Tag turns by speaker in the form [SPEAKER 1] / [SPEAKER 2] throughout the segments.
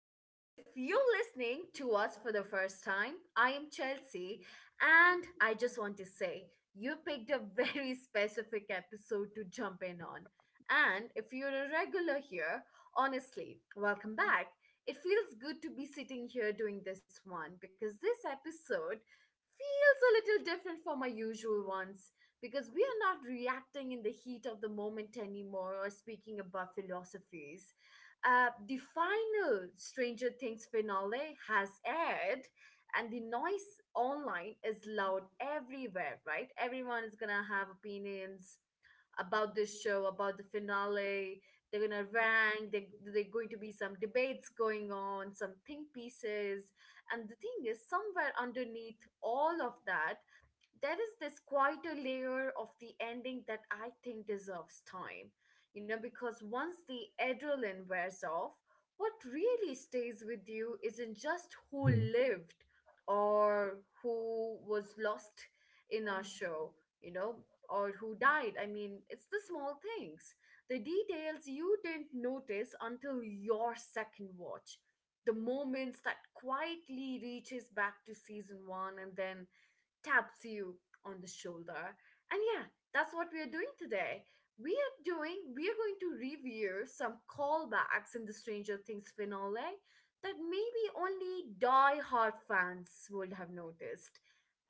[SPEAKER 1] Life. If you're listening to us for the first time, I am Chelsea, and I just want to say you picked a very specific episode to jump in on. And if you're a regular here, honestly, welcome back. It feels good to be sitting here doing this one because this episode feels a little different from my usual ones because we are not reacting in the heat of the moment anymore or speaking about philosophies. The final Stranger Things finale has aired, and the noise online is loud everywhere, right? Everyone is gonna have opinions about this show, about the finale. They're gonna rank, they're going to be some debates going on, some think pieces. And the thing is, somewhere underneath all of that, there is this quieter layer of the ending that I think deserves time. Because once the adrenaline wears off, what really stays with you isn't just who
[SPEAKER 2] Mm.
[SPEAKER 1] lived or who was lost in our show, you know, or who died. I mean, it's the small things, the details you didn't notice until your second watch. The moments that quietly reaches back to season 1 and then taps you on the shoulder. And yeah, that's what we are doing today. We are going to review some callbacks in the Stranger Things finale that maybe only die-hard fans would have noticed.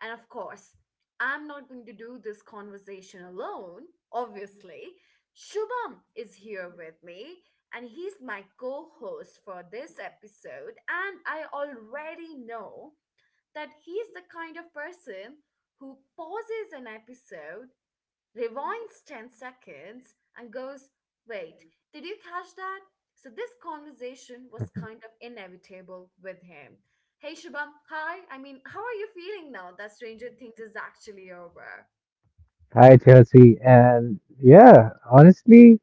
[SPEAKER 1] And of course, I'm not going to do this conversation alone, obviously. Shubham is here with me, and he's my co host for this episode. And I already know that he's the kind of person who pauses an episode, rewinds 10 seconds, and goes, "Wait, did you catch that?" So this conversation was kind of inevitable with him. Hey Shubham, hi. I mean, how are you feeling now that Stranger Things is actually over?
[SPEAKER 2] Hi, Chelsea. And yeah, honestly,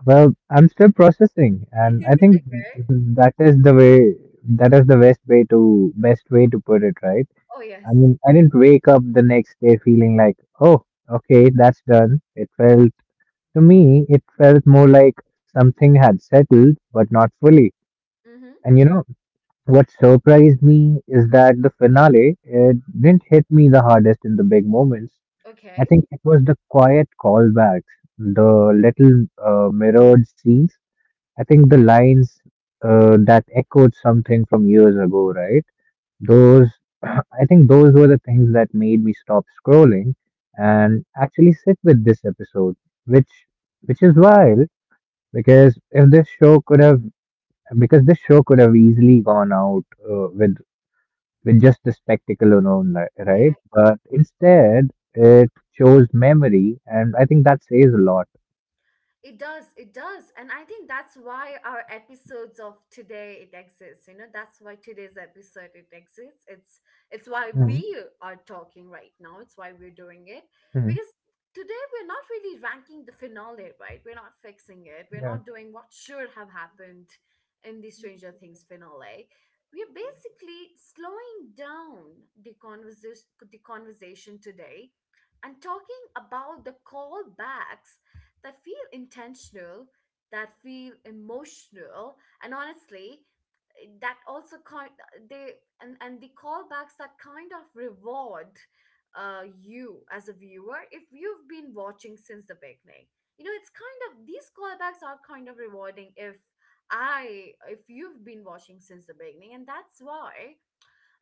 [SPEAKER 2] well, I'm still processing, and I think
[SPEAKER 1] Okay.
[SPEAKER 2] that is the way that is the best way to put it, right?
[SPEAKER 1] Oh yes.
[SPEAKER 2] I mean, I didn't wake up the next day feeling like, oh, okay, that's done. It felt to me, it felt more like something had settled, but not fully.
[SPEAKER 1] Mm-hmm.
[SPEAKER 2] And what surprised me is that the finale, it didn't hit me the hardest in the big moments. I
[SPEAKER 1] Okay.
[SPEAKER 2] think it was the quiet callbacks, the little mirrored scenes. I think the lines that echoed something from years ago, right?
[SPEAKER 1] Mm-hmm.
[SPEAKER 2] Those, I think those were the things that made me stop scrolling and actually sit with this episode, which which is wild because if this show could have because this show could have easily gone out uh, with with just the spectacle alone, right? But instead, it shows memory, and I think that says a lot.
[SPEAKER 1] It does, it does. And I think that's why our episodes of today it exists. You know, that's why today's episode it exists. It's why
[SPEAKER 2] Hmm.
[SPEAKER 1] we are talking right now. It's why we're doing it.
[SPEAKER 2] Hmm.
[SPEAKER 1] Because today we're not really ranking the finale, right? We're not fixing it. We're
[SPEAKER 2] Yeah.
[SPEAKER 1] not doing what should have happened in the Stranger Things finale. We're basically slowing down the conversation today and talking about the callbacks that feel intentional, that feel emotional, and honestly, eh, that also kind they and the callbacks that kind of reward you as a viewer if you've been watching since the beginning. You know, it's kind of these callbacks are kind of rewarding if I if you've been watching since the beginning, and that's why.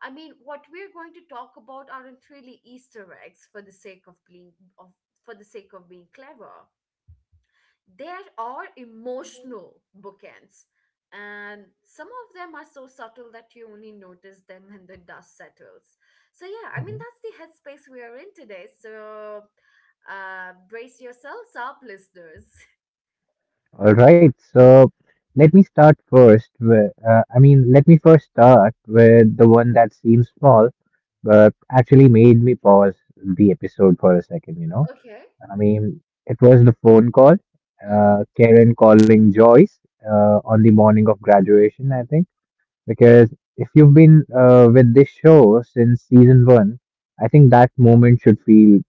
[SPEAKER 1] I mean, what we're going to talk about aren't really Easter eggs for the sake of being of for the sake of being clever. There are emotional bookends, and some of them are so subtle that you only notice them when the dust settles. So yeah, I mean
[SPEAKER 2] Hmm.
[SPEAKER 1] that's the headspace we are in today. So brace yourselves up, listeners.
[SPEAKER 2] All right, so let me start first with, I mean, let me first start with the one that seems small, but actually made me pause the episode for a second, you know?
[SPEAKER 1] Okay.
[SPEAKER 2] I mean, it was the phone call,
[SPEAKER 1] Mm-hmm.
[SPEAKER 2] Karen calling Joyce, on the morning of graduation, I think. Because if you've been with this show since season one, I think that moment should feel,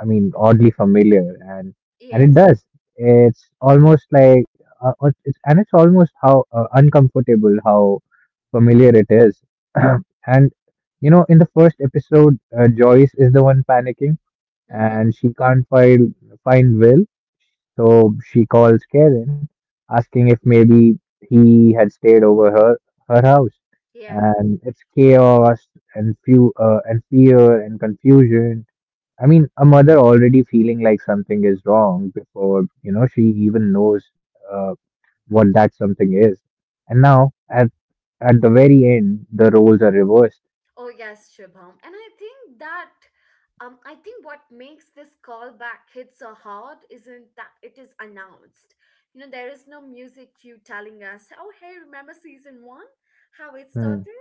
[SPEAKER 2] I mean, oddly familiar, and it
[SPEAKER 1] Yes.
[SPEAKER 2] does. It's almost like, and it's almost how uncomfortable how familiar it is. And in the first episode, Joyce is the one panicking,
[SPEAKER 1] Mm-hmm.
[SPEAKER 2] and she can't find Will, so she calls Karen, asking if maybe he had stayed over her house.
[SPEAKER 1] Yeah.
[SPEAKER 2] And it's chaos and fear and confusion. I mean, a mother already feeling like something is wrong before she even knows uh, what that something is. And now, at the very end, the roles are reversed.
[SPEAKER 1] Oh yes, Shubham. And I think that I think what makes this callback hit so hard isn't that it is announced. You know, there is no music cue telling us, oh hey, remember season 1? How it
[SPEAKER 2] Hmm.
[SPEAKER 1] started?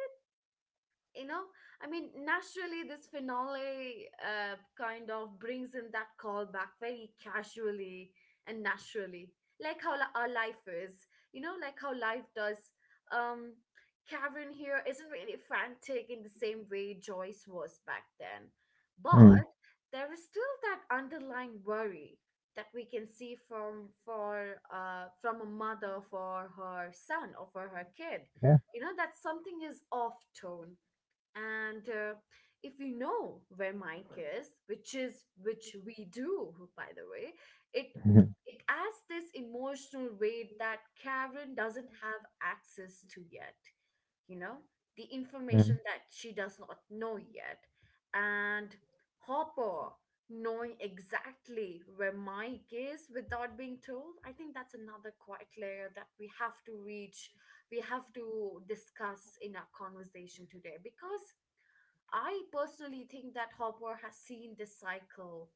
[SPEAKER 1] You know, I mean naturally this finale kind of brings in that call back very casually and naturally, like how our life is, you know, like how life does. um Karen here isn't really frantic in the same way Joyce was back then,
[SPEAKER 2] Hmm.
[SPEAKER 1] but there is still that underlying worry that we can see from a mother for her son or for her kid,
[SPEAKER 2] Yeah.
[SPEAKER 1] you know, that something is off tone. And if you know where Mike is, which is which we do by the way, it it adds this emotional weight that Karen doesn't have access to yet, you know, the
[SPEAKER 2] Hmm.
[SPEAKER 1] information that she does not know yet. And Hopper knowing exactly where Mike is without being told, I think that's another quiet layer that we have to discuss in our conversation today. Because I personally think that Hopper has seen this cycle.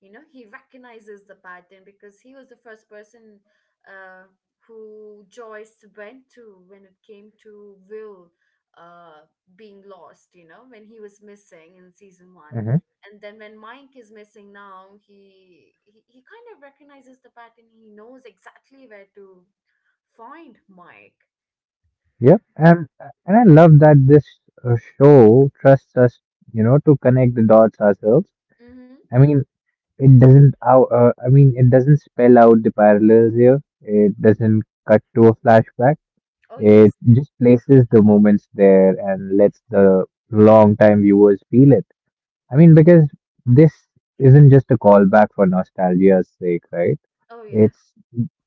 [SPEAKER 1] You know, he recognizes the pattern because he was the first person uh, who Joyce went to when it came to Will uh, being lost, you know, when he was missing in season 1.
[SPEAKER 2] Hmm.
[SPEAKER 1] And then when Mike is missing now, he kind of recognizes the pattern. He knows exactly where to find Mike.
[SPEAKER 2] Yep, and I love that this show trusts us, to connect the dots ourselves.
[SPEAKER 1] Mm-hmm.
[SPEAKER 2] I mean, it doesn't spell out the parallels here. It doesn't cut to a flashback.
[SPEAKER 1] Oh,
[SPEAKER 2] It
[SPEAKER 1] yes.
[SPEAKER 2] just places the moments there and lets the long-time viewers feel it. I mean, because this isn't just a callback for nostalgia's sake, right?
[SPEAKER 1] Oh, yeah.
[SPEAKER 2] It's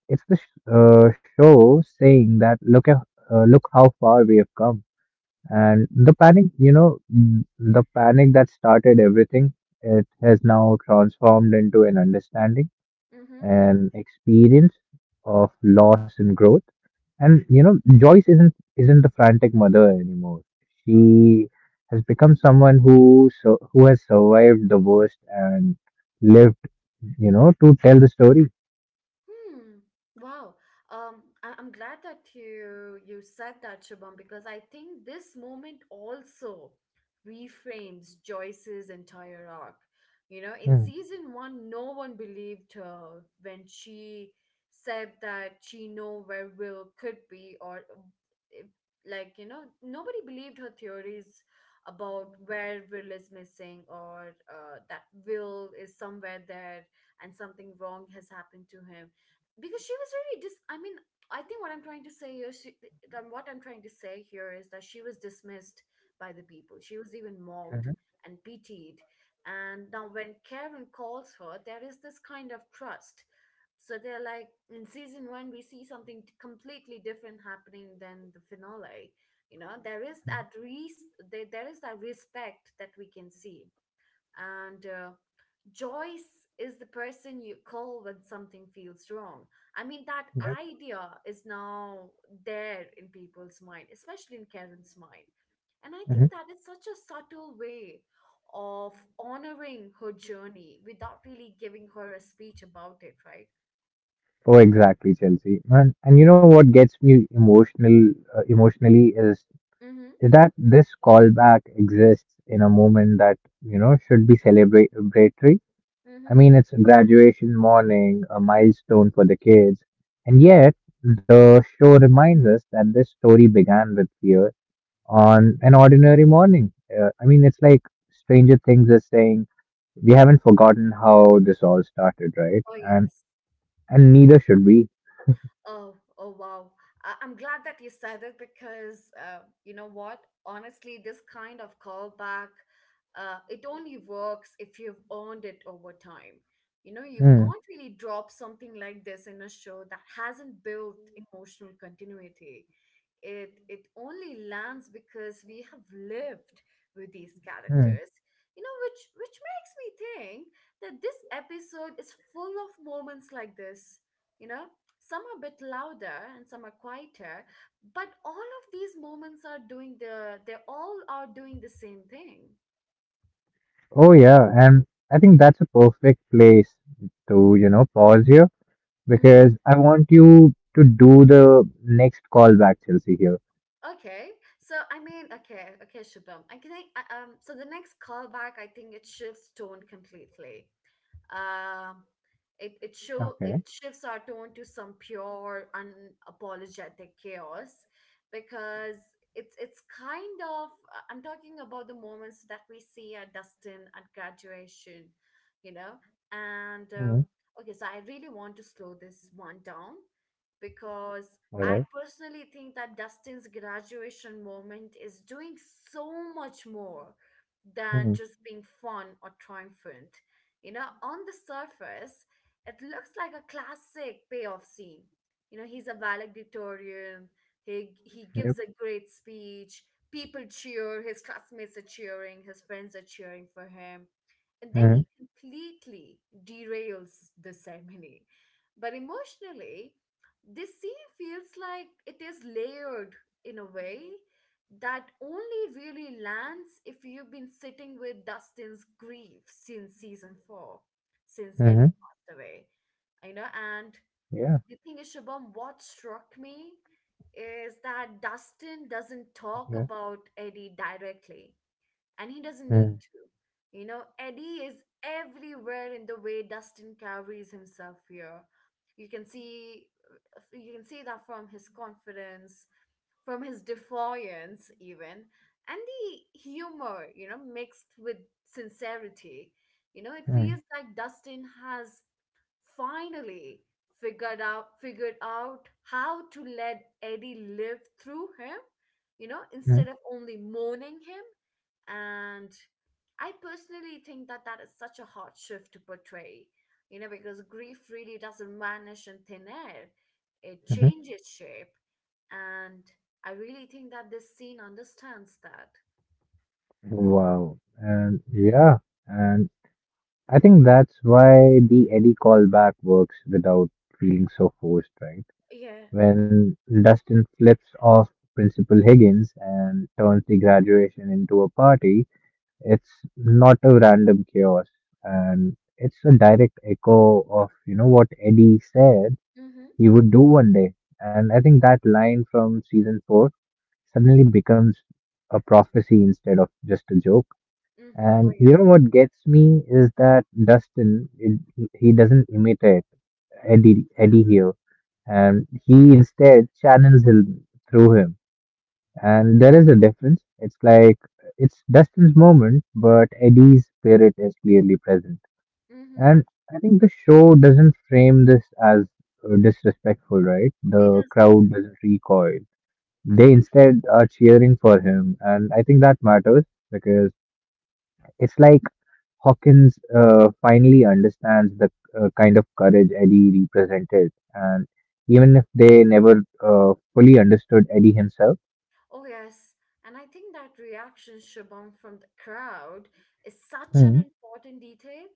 [SPEAKER 2] it's the show saying that look at look how far we have come and the panic, you know, mm, the panic that started everything, it has now transformed into an understanding,
[SPEAKER 1] Mm-hmm.
[SPEAKER 2] an experience of loss and growth. And Joyce isn't the frantic mother anymore. She has become someone who has survived the worst and lived, to tell the story.
[SPEAKER 1] Hmm. Wow. I'm glad that you said that, Shubham, because I think this moment also reframes Joyce's entire arc. You know, in season one, no one believed her when she said that she know where Will could be, or if, like you know, nobody believed her theories about where Will is missing, or that Will is somewhere there and something wrong has happened to him because she was really dis I mean I think what I'm trying to say here she, what I'm trying to say here is that she was dismissed by the people, she was even mocked
[SPEAKER 2] Mm-hmm.
[SPEAKER 1] and pitied. And now when Karen calls her, there is this kind of trust. So they're like in season 1 we see something completely different happening than the finale. You know, there is that there is that respect that we can see. And Joyce is the person you call when something feels wrong. I mean, that
[SPEAKER 2] Yep.
[SPEAKER 1] idea is now there in people's mind, especially in Karen's mind. And I think that is such a subtle way of honoring her journey without really giving her a speech about it, right?
[SPEAKER 2] Oh, exactly, Chelsea. And you know what gets me emotionally is
[SPEAKER 1] Mm-hmm.
[SPEAKER 2] is that this callback exists in a moment that should be celebratory. I
[SPEAKER 1] Mm-hmm.
[SPEAKER 2] mean, it's a graduation morning, a milestone for the kids, and yet the show reminds us that this story began with fear on an ordinary morning. I mean, it's like Stranger Things is saying we haven't forgotten how this all started, right?
[SPEAKER 1] Oh,
[SPEAKER 2] And
[SPEAKER 1] yes.
[SPEAKER 2] and neither should we.
[SPEAKER 1] Oh, oh wow. I'm glad that you said it because you know what? Honestly, this kind of callback, it only works if you've earned it over time. You know, you
[SPEAKER 2] Hmm.
[SPEAKER 1] can't really drop something like this in a show that hasn't built emotional continuity. It only lands because we have lived with these
[SPEAKER 2] Hmm.
[SPEAKER 1] characters. You know, which makes me think that this episode is full of moments like this, you know? Some are a bit louder and some are quieter, but all of these moments are doing the they all are doing the same thing.
[SPEAKER 2] Oh yeah, and I think that's a perfect place to pause here
[SPEAKER 1] Hmm.
[SPEAKER 2] because I want you to do the next callback, Chelsea, here.
[SPEAKER 1] Okay. Okay Shubham, so the next callback, I think it shifts tone completely. Um, it it show
[SPEAKER 2] Okay.
[SPEAKER 1] it shifts our tone to some pure, unapologetic chaos, because it's kind of I'm talking about the moments that we see at Dustin at graduation, you know, and
[SPEAKER 2] Mm,
[SPEAKER 1] okay, so I really want to slow this one down because
[SPEAKER 2] all right.
[SPEAKER 1] I personally think that Dustin's graduation moment is doing so much more than
[SPEAKER 2] Mm,
[SPEAKER 1] just being fun or triumphant. You know, on the surface, it looks like a classic payoff scene. You know, he's a valedictorian. He
[SPEAKER 2] yep.
[SPEAKER 1] gives a great speech. People cheer. His classmates are cheering. His friends are cheering for him. And then
[SPEAKER 2] Mm,
[SPEAKER 1] he completely derails the ceremony. But emotionally, this scene feels like it is layered in a way that only really lands if you've been sitting with Dustin's grief since season 4, since
[SPEAKER 2] mm-hmm.
[SPEAKER 1] Eddie passed away. You know, and
[SPEAKER 2] Yeah.
[SPEAKER 1] the thing is, Shabam, what struck me is that Dustin doesn't talk
[SPEAKER 2] Yeah.
[SPEAKER 1] about Eddie directly, and he doesn't need
[SPEAKER 2] Mm,
[SPEAKER 1] to. You know, Eddie is everywhere in the way Dustin carries himself here. You can see you can see that from his confidence, from his defiance even, and the humor, you know, mixed with sincerity. You know, it
[SPEAKER 2] mm,
[SPEAKER 1] feels like Dustin has finally figured out how to let Eddie live through him, you know,
[SPEAKER 2] mm,
[SPEAKER 1] instead of only mourning him. And I personally think that that is such a hard shift to portray, you know, because grief really doesn't vanish in thin air, it
[SPEAKER 2] mm-hmm.
[SPEAKER 1] changes shape. And I really think that this scene understands that.
[SPEAKER 2] Wow. And yeah, and I think that's why the Eddie callback works without feeling so forced, right?
[SPEAKER 1] Yeah.
[SPEAKER 2] When Dustin flips off Principal Higgins and turns the graduation into a party, it's not a random chaos and it's a direct echo of what Eddie said
[SPEAKER 1] Mm-hmm.
[SPEAKER 2] he would do one day. And I think that line from season four suddenly becomes a prophecy instead of just a joke.
[SPEAKER 1] Mm-hmm. Oh
[SPEAKER 2] And you
[SPEAKER 1] yes.
[SPEAKER 2] know what gets me is that Dustin, it, he doesn't imitate Eddie here and he instead channels him through him. And there is a difference. It's like it's Dustin's moment, but Eddie's spirit is clearly present.
[SPEAKER 1] Mm-hmm.
[SPEAKER 2] And I think the show doesn't frame this as disrespectful, right?
[SPEAKER 1] It
[SPEAKER 2] The
[SPEAKER 1] does.
[SPEAKER 2] crowd doesn't recoil. They instead are cheering for him, and I think that matters because it's like Hawkins finally understands the kind of courage Eddie represented, and even if they never fully understood Eddie himself.
[SPEAKER 1] Oh yes. And I think that reaction, Shubham, from the crowd is such an
[SPEAKER 2] Mm,
[SPEAKER 1] important detail.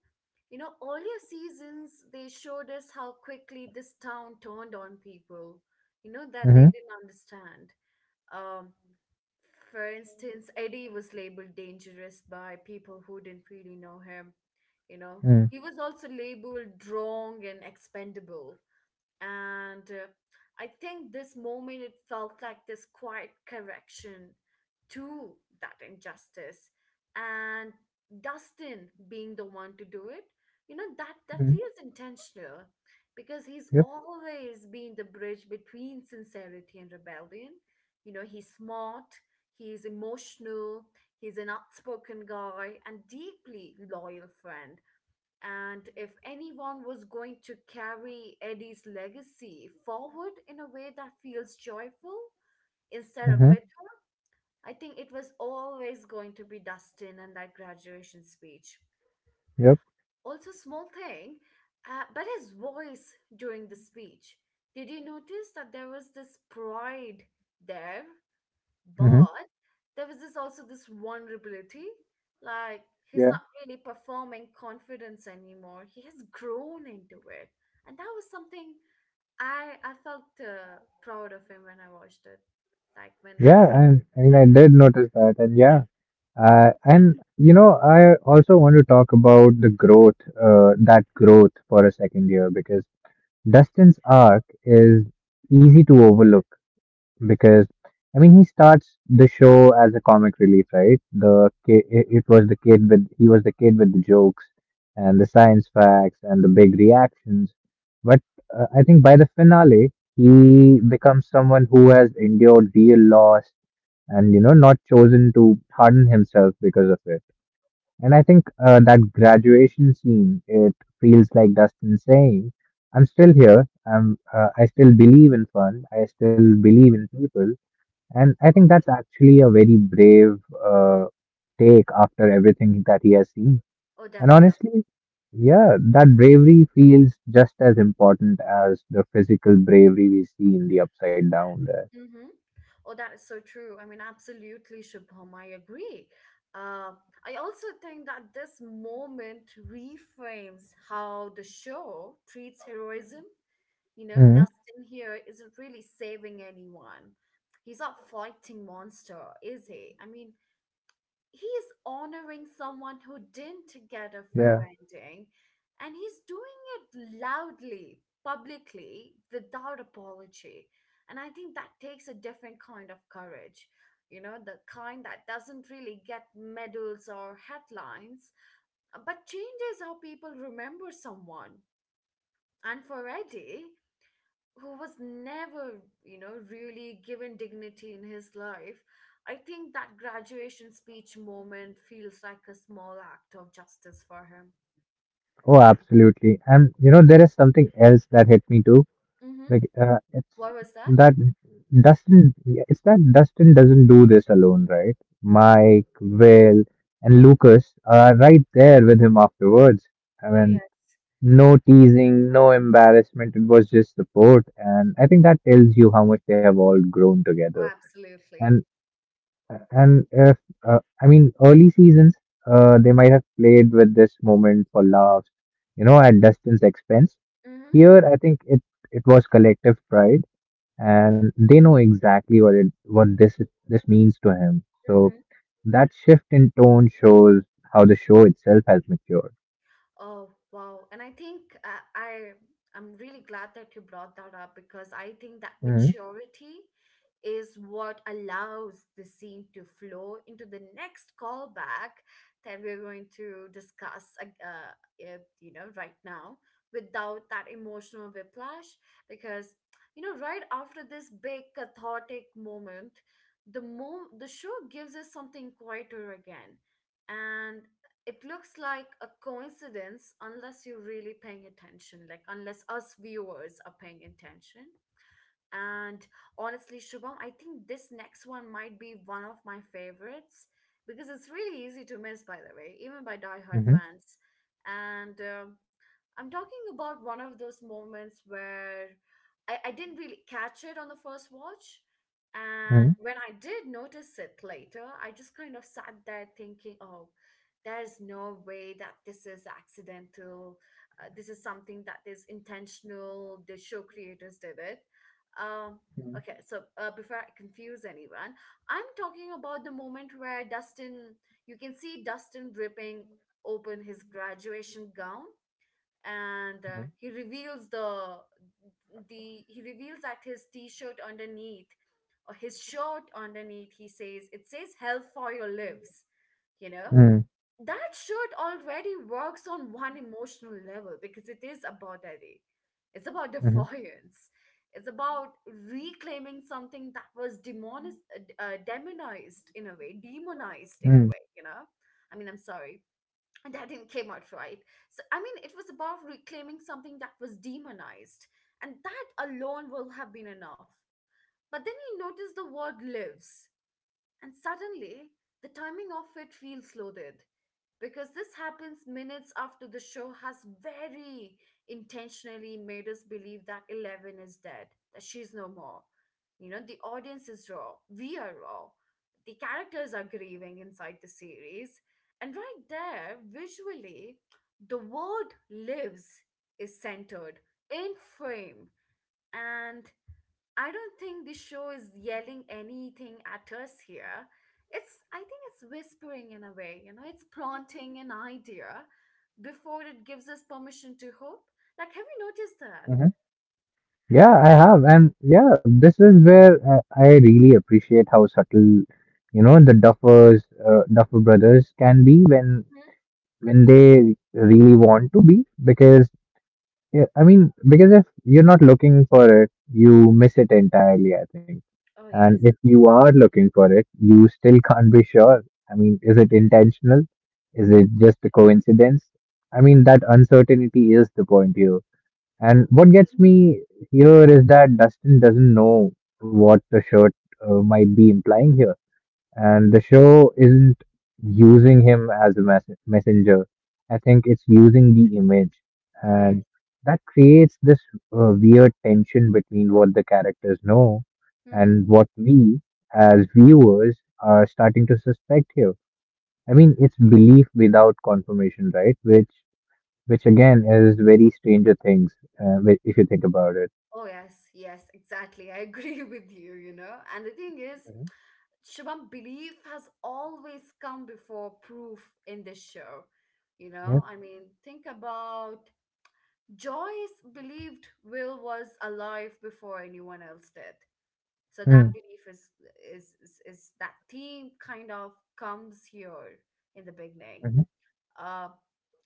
[SPEAKER 1] You know, earlier seasons, they showed us how quickly this town turned on people, you know, that they
[SPEAKER 2] mm-hmm,
[SPEAKER 1] didn't understand. Um, for instance, Eddie was labeled dangerous by people who didn't really know him, you know.
[SPEAKER 2] mm,
[SPEAKER 1] He was also labeled wrong and expendable, and I think this moment, it felt like this quiet correction to that injustice, and Dustin being the one to do it, you know, that
[SPEAKER 2] mm,
[SPEAKER 1] feels intentional, because he's
[SPEAKER 2] yep,
[SPEAKER 1] always been the bridge between sincerity and rebellion. You know, he's smart, he's emotional, he's an outspoken guy and deeply loyal friend. And if anyone was going to carry Eddie's legacy forward in a way that feels joyful instead
[SPEAKER 2] mm-hmm,
[SPEAKER 1] of bitter, I think it was always going to be Dustin and that graduation speech.
[SPEAKER 2] yep,
[SPEAKER 1] Also, small thing, but his voice during the speech. Did you notice that there was this pride there,
[SPEAKER 2] mm-hmm.
[SPEAKER 1] but there was this also this vulnerability, like he's
[SPEAKER 2] Yeah,
[SPEAKER 1] not really performing confidence anymore. He has grown into it, and that was something I felt, proud of him when I watched it, like when I'm
[SPEAKER 2] yeah, and I mean,
[SPEAKER 1] seeing
[SPEAKER 2] I
[SPEAKER 1] him.
[SPEAKER 2] did notice that, and yeah, and I also want to talk about that growth for a second here, because Dustin's arc is easy to overlook because I mean he starts the show as a comic relief, right? The ki- it was the kid with He was the kid with the jokes and the science facts and the big reactions, but I think by the finale he becomes someone who has endured real loss and not chosen to harden himself because of it. And I think that graduation scene it feels like Dustin saying, "I'm still here. I still believe in fun. I
[SPEAKER 1] Mhm.
[SPEAKER 2] still believe in people." And I think that's actually a very brave uh, take after everything that he has seen.
[SPEAKER 1] Oh,
[SPEAKER 2] And
[SPEAKER 1] definitely.
[SPEAKER 2] honestly, yeah, that bravery feels just as important as the physical bravery we see in the upside down there.
[SPEAKER 1] Mm-hmm. Oh, that is so true. I mean, absolutely, Shubham. I agree. Uh, I also think that this moment reframes how the show treats heroism. You know,
[SPEAKER 2] Hmm.
[SPEAKER 1] Dustin here isn't really saving anyone. He's not fighting monster, is he? I mean, he is honoring someone who didn't get a fair
[SPEAKER 2] Yeah.
[SPEAKER 1] ending, and he's doing it loudly, publicly, without apology. And I think that takes a different kind of courage. You know, the kind that doesn't really get medals or headlines, but changes how people remember someone. And for Eddie, who was never, you know, really given dignity in his life, I think that graduation speech moment feels like a small act of justice for him.
[SPEAKER 2] Oh, absolutely. And there is something else that hit me too.
[SPEAKER 1] Mm-hmm.
[SPEAKER 2] Like,
[SPEAKER 1] What was that?
[SPEAKER 2] that it's that Dustin doesn't do this alone, right? Mike, Will, and Lucas are right there with him afterwards. I
[SPEAKER 1] Oh,
[SPEAKER 2] mean,
[SPEAKER 1] yes.
[SPEAKER 2] no teasing, no embarrassment. It was just support, and I think that tells you how much they have all grown together.
[SPEAKER 1] Oh, absolutely.
[SPEAKER 2] And and if I mean early seasons, they might have played with this moment for laughs, at Dustin's expense.
[SPEAKER 1] Mm-hmm.
[SPEAKER 2] Here, I think it was collective pride, and they know exactly what this means to him. So
[SPEAKER 1] Mm-hmm.
[SPEAKER 2] that shift in tone shows how the show itself has matured.
[SPEAKER 1] Oh, wow. And I think I'm really glad that you brought that up, because I think that
[SPEAKER 2] Mm-hmm.
[SPEAKER 1] maturity is what allows the scene to flow into the next callback that we're going to discuss, you know, right now, without that emotional whiplash, because, you know, right after this big cathartic moment, the show gives us something quieter again, and it looks like a coincidence unless you're really paying attention, like unless us viewers are paying attention. And honestly, Shubham, I think this next one might be one of my favorites because it's really easy to miss, by the way, even by diehard fans. And I'm talking about one of those moments where I didn't really catch it on the first watch.
[SPEAKER 2] Mm-hmm.
[SPEAKER 1] And when I did notice it later, I just kind of sat there thinking, oh, there's no way that this is accidental. This is something that is intentional. The show creators did it. um, okay, so before I confuse anyone, I'm talking about the moment where Dustin, you can see Dustin ripping open his graduation gown, and he reveals that his t-shirt underneath, or his shirt underneath, he says it says hell for your lives, you know.
[SPEAKER 2] Mm-hmm.
[SPEAKER 1] That shirt already works on one emotional level because it is about Eddie. It's about
[SPEAKER 2] Mhm.
[SPEAKER 1] defiance. It's about reclaiming something that was demonized in a way, demonized in a
[SPEAKER 2] Mm.
[SPEAKER 1] way, you know? I mean, I'm sorry. And that didn't came out right. So, I mean, it was about reclaiming something that was demonized. And that alone will have been enough. But then you notice the word lives. And suddenly, the timing of it feels loaded, because this happens minutes after the show has very intentionally made us believe that Eleven is dead, that she's no more. You know, the audience is raw, we are raw, the characters are grieving inside the series. And right there, visually, the word lives is centered in frame. And I don't think the show is yelling anything at us here. I think it's whispering in a way, you know, it's planting an idea before it gives us permission to hope. Like, have you noticed that?
[SPEAKER 2] Mhm. Yeah, I have. And yeah, this is where I really appreciate how subtle, Duffer brothers can be when
[SPEAKER 1] Hmm?
[SPEAKER 2] when they really want to be. Because yeah, I mean, because if you're not looking for it, you miss it entirely, I think.
[SPEAKER 1] Oh,
[SPEAKER 2] And
[SPEAKER 1] yes.
[SPEAKER 2] if you are looking for it, you still can't be sure. I mean, is it intentional? Is it just a coincidence? I mean, that uncertainty is the point here. And what gets
[SPEAKER 1] Mhm.
[SPEAKER 2] me here is that Dustin doesn't know what the shirt might be implying here. And the show isn't using him as a messenger. I think it's using the image.
[SPEAKER 1] Oh, yes.
[SPEAKER 2] And that creates this weird tension between what the characters know
[SPEAKER 1] Hmm.
[SPEAKER 2] and what we, as viewers, are starting to suspect here. I mean, it's belief without confirmation, right? Which again is very Stranger Things, if you think about it.
[SPEAKER 1] Oh, yes. Yes, exactly. I agree with you, you know. And the thing is,
[SPEAKER 2] Mhm.
[SPEAKER 1] Shubham, belief has always come before proof in this show. You know,
[SPEAKER 2] Yeah.
[SPEAKER 1] I mean, think about, Joyce believed Will was alive before anyone else did. So
[SPEAKER 2] Mhm.
[SPEAKER 1] that belief is is that theme kind of comes here in the beginning.
[SPEAKER 2] Hmm.
[SPEAKER 1] Uh,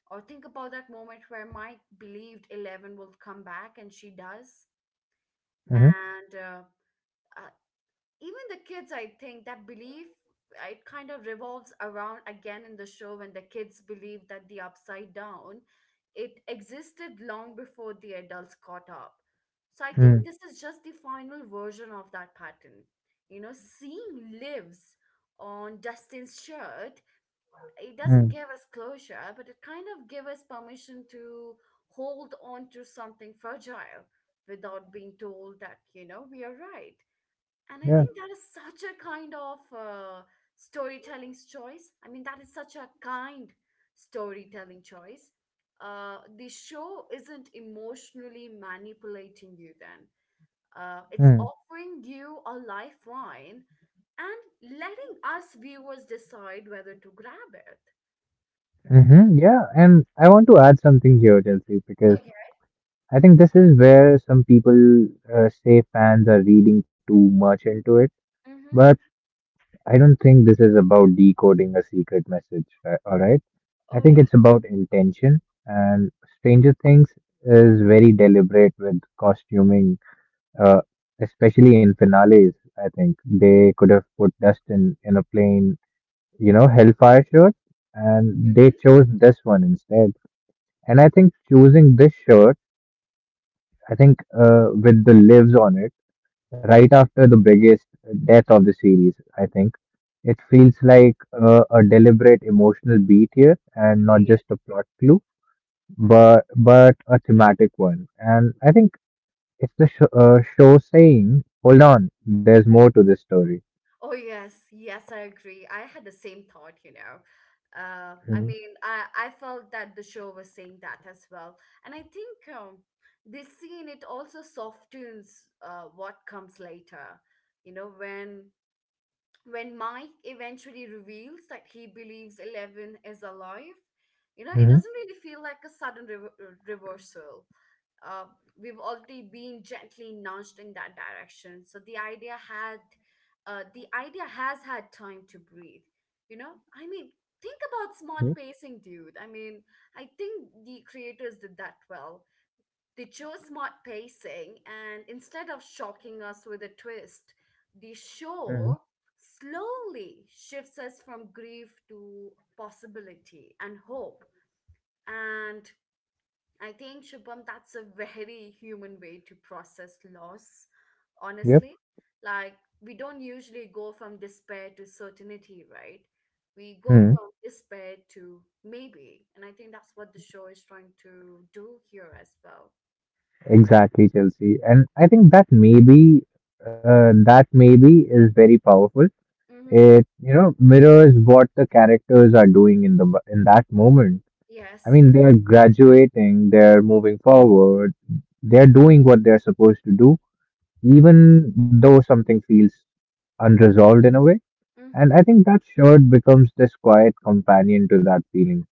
[SPEAKER 1] or think about that moment where Mike believed Eleven will come back, and she does.
[SPEAKER 2] Mhm.
[SPEAKER 1] And uh, I, Even the kids, I think that belief, it kind of revolves around again in the show when the kids believe that the upside down, it existed long before the adults caught up. So I
[SPEAKER 2] Mhm.
[SPEAKER 1] think
[SPEAKER 2] Mm.
[SPEAKER 1] this is just the final version of that pattern. You know, seeing lives on Dustin's shirt, it doesn't
[SPEAKER 2] Mm.
[SPEAKER 1] give us closure, but it kind of gives us permission to hold on to something fragile without being told that, you know, we are right. And I
[SPEAKER 2] Yeah.
[SPEAKER 1] think that is such a kind of, storytelling choice. I mean, that is such a kind storytelling choice. The show isn't emotionally manipulating you then. It's
[SPEAKER 2] Mm.
[SPEAKER 1] offering you a lifeline and letting us viewers decide whether to grab it.
[SPEAKER 2] Mhm. Yeah. And I want to add something here, Chelsea, because
[SPEAKER 1] Okay.
[SPEAKER 2] I think this is where some people say fans are reading too much into it.
[SPEAKER 1] Mm-hmm.
[SPEAKER 2] But I don't think this is about decoding a secret message. Right? All right. I
[SPEAKER 1] Oh,
[SPEAKER 2] think
[SPEAKER 1] yeah.
[SPEAKER 2] it's about intention. And Stranger Things is very deliberate with costuming uh, especially in finales. I think they could have put Dustin in a plain, Hellfire shirt, and they
[SPEAKER 1] Mm-hmm.
[SPEAKER 2] chose this one instead. And I think choosing this shirt, I think with the lives on it, right after the biggest death of the series, I think it feels like a deliberate emotional beat here, and not just a plot clue, but a thematic one. And I think it's the show saying, "Hold on, there's more to this story."
[SPEAKER 1] Oh yes, yes, I agree. I had the same thought, you know. I
[SPEAKER 2] Mhm.
[SPEAKER 1] mean, I felt that the show was saying that as well, and I think, this scene it also softens, what comes later. You know, when Mike eventually reveals that he believes Eleven is alive, you know, it
[SPEAKER 2] Mhm.
[SPEAKER 1] doesn't really feel like a sudden reversal. Uh, we've already been gently nudged in that direction, so the idea has had time to breathe. You know, I mean, think about smart
[SPEAKER 2] Mhm.
[SPEAKER 1] pacing, dude. I mean, I think the creators did that well. They chose smart pacing, and instead of shocking us with a twist, the
[SPEAKER 2] Mhm.
[SPEAKER 1] show slowly shifts us from grief to possibility and hope. And I think, Shubham, that's a very human way to process loss,
[SPEAKER 2] Yep.
[SPEAKER 1] honestly. Like, we don't usually go from despair to certainty, right? We go
[SPEAKER 2] Mhm.
[SPEAKER 1] from despair to maybe. And I think that's what the show is trying to do here as well.
[SPEAKER 2] Exactly, Chelsea. And I think that maybe is very powerful.
[SPEAKER 1] Mm-hmm.
[SPEAKER 2] It mirrors what the characters are doing in the in that moment. I
[SPEAKER 1] Yes.
[SPEAKER 2] mean, they are graduating, they're moving forward, they're doing what they're supposed to do, even though something feels unresolved in a way. And
[SPEAKER 1] Mm-hmm.
[SPEAKER 2] I think that shirt becomes this quiet companion to that feeling.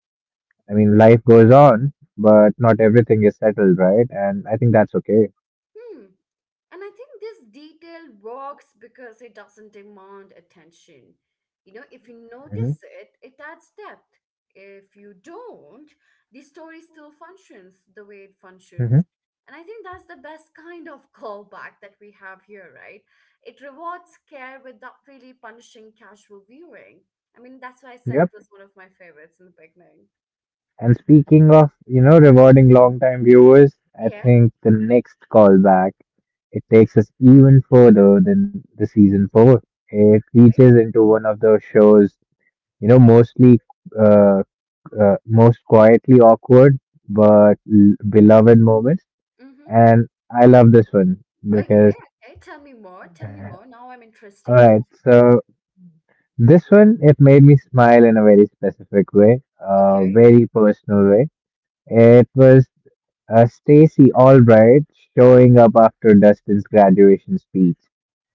[SPEAKER 2] I mean, life goes on, but not everything is settled, right? And I think that's okay.
[SPEAKER 1] Hmm. And I think this detail works because it doesn't demand attention. You know, if you
[SPEAKER 2] Hmm.
[SPEAKER 1] notice it, it adds depth. If you don't, the story still functions the way it
[SPEAKER 2] Hmm.
[SPEAKER 1] functions. And I think that's the best kind of callback that we have here, right? It rewards care without really punishing casual viewing. I mean, that's why I said it
[SPEAKER 2] Yep.
[SPEAKER 1] was one of my favorites in the beginning.
[SPEAKER 2] And speaking of rewarding long-time viewers, I
[SPEAKER 1] Yeah,
[SPEAKER 2] think the next callback, it takes us even further than the season four. It
[SPEAKER 1] right?
[SPEAKER 2] reaches into one of the show's, you know, mostly, uh, most quietly awkward, but beloved moments.
[SPEAKER 1] Mm.
[SPEAKER 2] And I love this one
[SPEAKER 1] Okay,
[SPEAKER 2] because,
[SPEAKER 1] okay. Tell me more. Tell me more. Now I'm
[SPEAKER 2] all
[SPEAKER 1] interesting to
[SPEAKER 2] right,
[SPEAKER 1] hear.
[SPEAKER 2] so this one, it made me smile in a very specific way, a
[SPEAKER 1] Okay.
[SPEAKER 2] very personal way. It was Stacy Albright showing up after Dustin's graduation speech.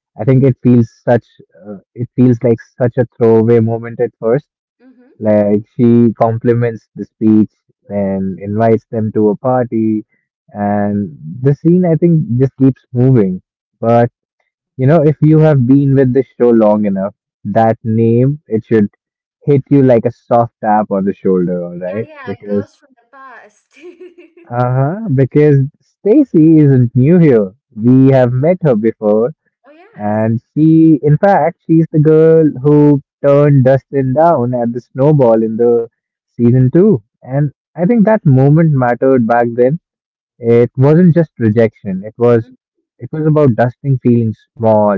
[SPEAKER 2] I think it feels it feels like such a throwaway moment at first.
[SPEAKER 1] Mm-hmm.
[SPEAKER 2] Like she compliments the speech and invites them to a party, and the scene I think just keeps moving. But you know, if you have been with the show long enough, that name, it should hit you like a soft tap on the shoulder, all
[SPEAKER 1] Yeah,
[SPEAKER 2] right?
[SPEAKER 1] yeah.
[SPEAKER 2] Because,
[SPEAKER 1] Girls from the past.
[SPEAKER 2] uh-huh, because Stacy isn't new here. We have met her before,
[SPEAKER 1] Oh yes.
[SPEAKER 2] and in fact, she's the girl who turned Dustin down at the snowball in the season two. And I think that moment mattered back then. It wasn't just rejection. It was
[SPEAKER 1] Mm.
[SPEAKER 2] it was about Dustin feeling small,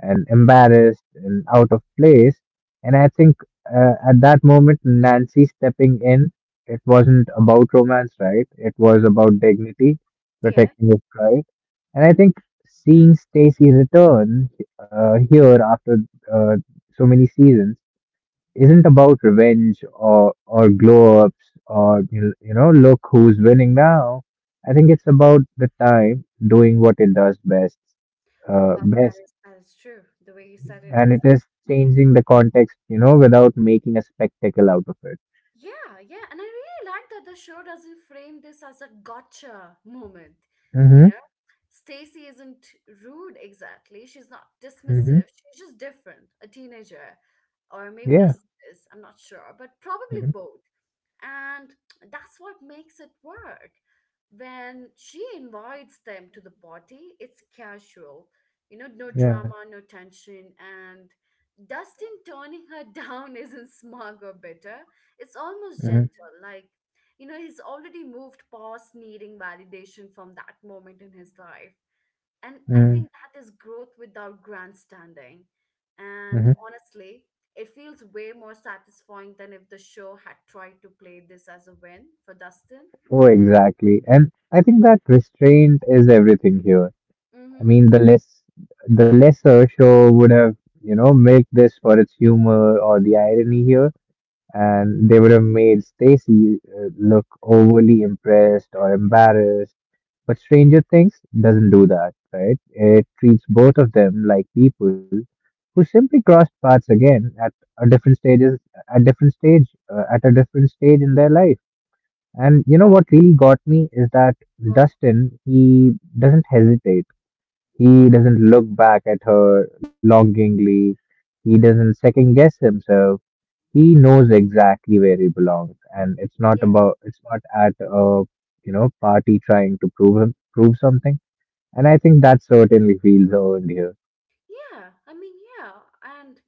[SPEAKER 2] and embarrassed and out of place. And I think at that moment, Nancy stepping in, it wasn't about romance, right? It was about dignity,
[SPEAKER 1] Yeah.
[SPEAKER 2] protecting his pride. And I think seeing Stacy return here after uh, so many seasons isn't about revenge or glow ups or you know look who's winning now. I think it's about the time doing what it does best, uh,
[SPEAKER 1] Well,
[SPEAKER 2] best
[SPEAKER 1] that is true. The way you said it's,
[SPEAKER 2] and it is changing the context, you know, without making a spectacle out of it.
[SPEAKER 1] yeah, yeah. And I really like that the show doesn't frame this as a gotcha moment. You
[SPEAKER 2] Mm-hmm.
[SPEAKER 1] know, Stacy isn't rude exactly. She's not
[SPEAKER 2] Mm-hmm.
[SPEAKER 1] dismissive. She's just different, a teenager, or maybe that's
[SPEAKER 2] Yeah.
[SPEAKER 1] what it is. I'm not sure, but probably
[SPEAKER 2] Mm-hmm.
[SPEAKER 1] both. And that's what makes it work. When she invites them to the party, it's casual, you know, no
[SPEAKER 2] Yeah.
[SPEAKER 1] drama, no tension. And Dustin turning her down isn't smug or bitter, it's almost
[SPEAKER 2] Mm-hmm.
[SPEAKER 1] gentle. Like, you know, he's already moved past needing validation from that moment in his life. And I
[SPEAKER 2] Mm-hmm.
[SPEAKER 1] think that is growth without grandstanding. And
[SPEAKER 2] Mm-hmm.
[SPEAKER 1] honestly, it feels way more satisfying than if the show had tried to play this as a win for Dustin.
[SPEAKER 2] Oh, exactly. And I think that restraint is everything here. I
[SPEAKER 1] Mm-hmm.
[SPEAKER 2] mean, the lesser show would have, you know, milked this for its humor or the irony here, and they would have made Stacy look overly impressed or embarrassed. But Stranger Things doesn't do that, right? It treats both of them like people who simply crossed paths again at a different stages, at different stage, at a different stage in their life. And you know what really got me is that
[SPEAKER 1] What?
[SPEAKER 2] Dustin, he doesn't hesitate. He doesn't look back at her longingly. He doesn't second guess himself. He knows exactly where he belongs, and it's not
[SPEAKER 1] Yeah.
[SPEAKER 2] about it's not at a you know party trying to prove something, and I think that certainly feels earned here.
[SPEAKER 1] Yeah. I mean, yeah. And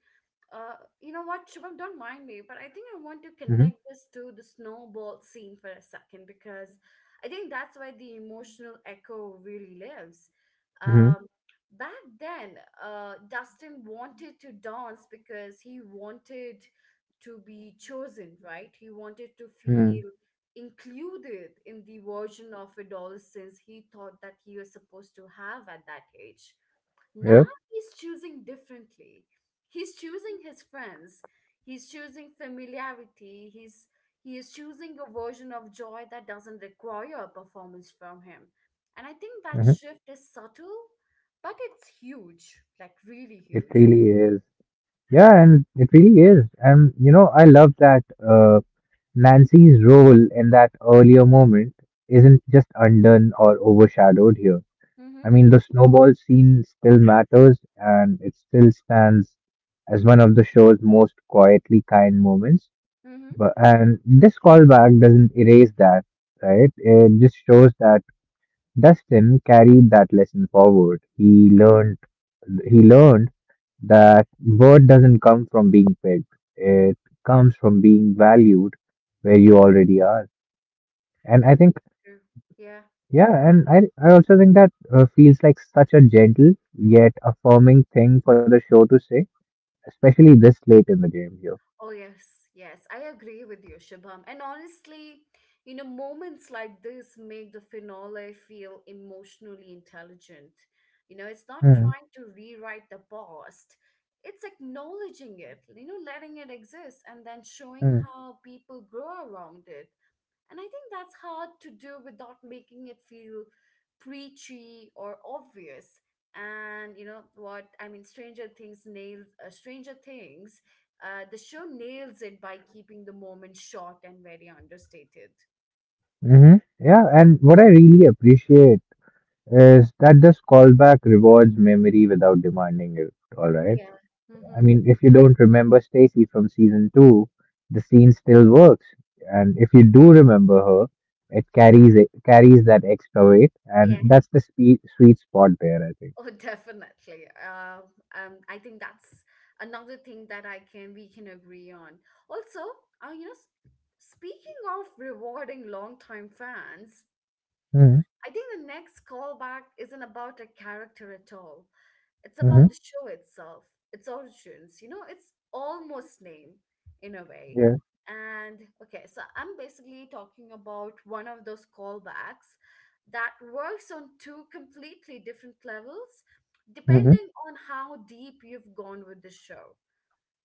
[SPEAKER 1] Uh, you know what, Shubham, don't mind me, but I think I want to
[SPEAKER 2] Hmm.
[SPEAKER 1] connect this to the snowball scene for a second, because I think that's why the emotional echo really lives.
[SPEAKER 2] Hmm.
[SPEAKER 1] Um, Back then, Dustin wanted to dance because he wanted to be chosen, right? He wanted to
[SPEAKER 2] Hmm.
[SPEAKER 1] feel included in the version of adolescence he thought that he was supposed to have at that age. Now
[SPEAKER 2] Yep.
[SPEAKER 1] he's choosing differently. He's choosing his friends. He's choosing familiarity. He is choosing a version of joy that doesn't require a performance from him. And I think that
[SPEAKER 2] Hmm.
[SPEAKER 1] shift is subtle, but it's huge, like really
[SPEAKER 2] It
[SPEAKER 1] huge.
[SPEAKER 2] really is. Yeah, and it really is. And you know, I love that Nancy's role in that earlier moment isn't just undone or overshadowed here.
[SPEAKER 1] Mm-hmm.
[SPEAKER 2] I mean, the snowball scene still matters, and it still stands as one of the show's most quietly kind moments.
[SPEAKER 1] Mm-hmm.
[SPEAKER 2] But and this callback doesn't erase that, right? It just shows that Dustin carried that lesson forward. He learned that worth doesn't come from being picked. It comes from being valued where you already are. And I
[SPEAKER 1] That's
[SPEAKER 2] think
[SPEAKER 1] true. Yeah.
[SPEAKER 2] yeah, and I also think that feels like such a gentle yet affirming thing for the show to say, especially this late in the game here.
[SPEAKER 1] Oh, yes, yes, I agree with you, Shubham. And honestly, you know, moments like this make the finale feel emotionally intelligent. You know, it's not
[SPEAKER 2] Mm.
[SPEAKER 1] trying to rewrite the past, it's acknowledging it, you know, letting it exist, and then showing
[SPEAKER 2] Mm.
[SPEAKER 1] how people grow around it. And I think that's hard to do without making it feel preachy or obvious. And you know what? I mean, Stranger Things, the show nails it by keeping the moment short and very understated.
[SPEAKER 2] Hmm. Yeah, and what I really appreciate is that this callback rewards memory without demanding it. All right.
[SPEAKER 1] Yeah.
[SPEAKER 2] I
[SPEAKER 1] Mm-hmm.
[SPEAKER 2] mean, if you don't remember Stacy from season two, the scene still works, and if you do remember her, it carries that extra weight, and
[SPEAKER 1] Yeah.
[SPEAKER 2] that's the sweet spot there, I think.
[SPEAKER 1] Oh, definitely. I think that's another thing that I can we can agree on. Also, you know, speaking of rewarding longtime fans,
[SPEAKER 2] Mm-hmm.
[SPEAKER 1] I think the next callback isn't about a character at all. It's
[SPEAKER 2] Mm-hmm.
[SPEAKER 1] about the show itself, its origins. You know, it's almost name in a way.
[SPEAKER 2] Yeah.
[SPEAKER 1] And okay, so I'm basically talking about one of those callbacks that works on two completely different levels,
[SPEAKER 2] Mm-hmm.
[SPEAKER 1] depending on how deep you've gone with the show.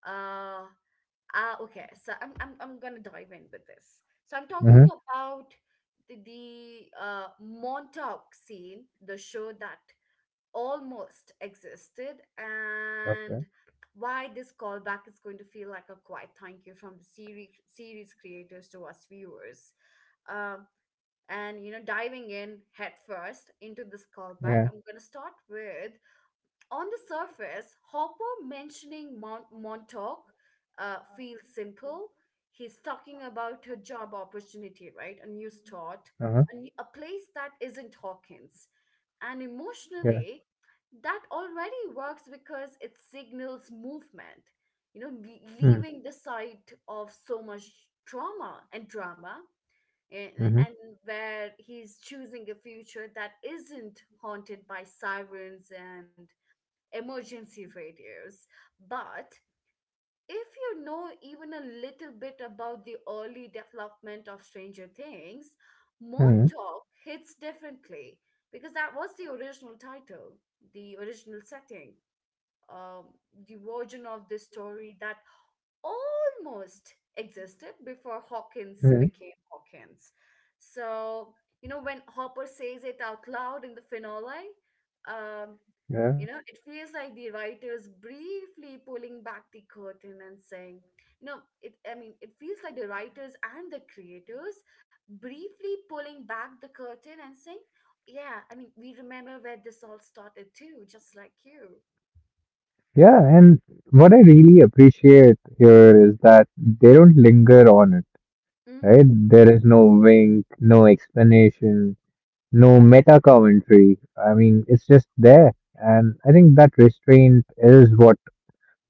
[SPEAKER 1] Uh, Ah, okay. So I'm gonna dive in with this. So I'm talking
[SPEAKER 2] Mm-hmm.
[SPEAKER 1] about the Montauk scene, the show that almost existed, and
[SPEAKER 2] Okay.
[SPEAKER 1] why this callback is going to feel like a quiet thank you from the series creators to us viewers. Um, and diving in head first into this callback,
[SPEAKER 2] Yeah.
[SPEAKER 1] I'm gonna start with. On the surface, Hopper mentioning Mount Montauk feels simple. He's talking about a job opportunity, right? A new start,
[SPEAKER 2] Uh-huh.
[SPEAKER 1] a place that isn't Hawkins. And
[SPEAKER 2] Yeah.
[SPEAKER 1] emotionally, that already works because it signals movement,
[SPEAKER 2] Mm-hmm.
[SPEAKER 1] leaving the site of so much trauma and drama, and,
[SPEAKER 2] Mm-hmm.
[SPEAKER 1] and where he's choosing a future that isn't haunted by sirens and emergency radios. But if you know even a little bit about the early development of Stranger Things, Moon Talk hits differently because that was the original title, the original setting, um, the version of the story that almost existed before Hawkins
[SPEAKER 2] Mm-hmm.
[SPEAKER 1] became Hawkins. So, when Hopper says it out loud in the finale, um,
[SPEAKER 2] Yeah.
[SPEAKER 1] it feels like the writer's briefly pulling back the curtain and saying, you know, it I mean, it feels like the writers and the creators briefly pulling back the curtain and saying, yeah, I mean, we remember where this all started too, just like you.
[SPEAKER 2] Yeah, and what I really appreciate here is that they don't linger on it, right?
[SPEAKER 1] Mm-hmm.
[SPEAKER 2] There is no wink, no explanation, no meta commentary. I mean, it's just there. And I think that restraint is what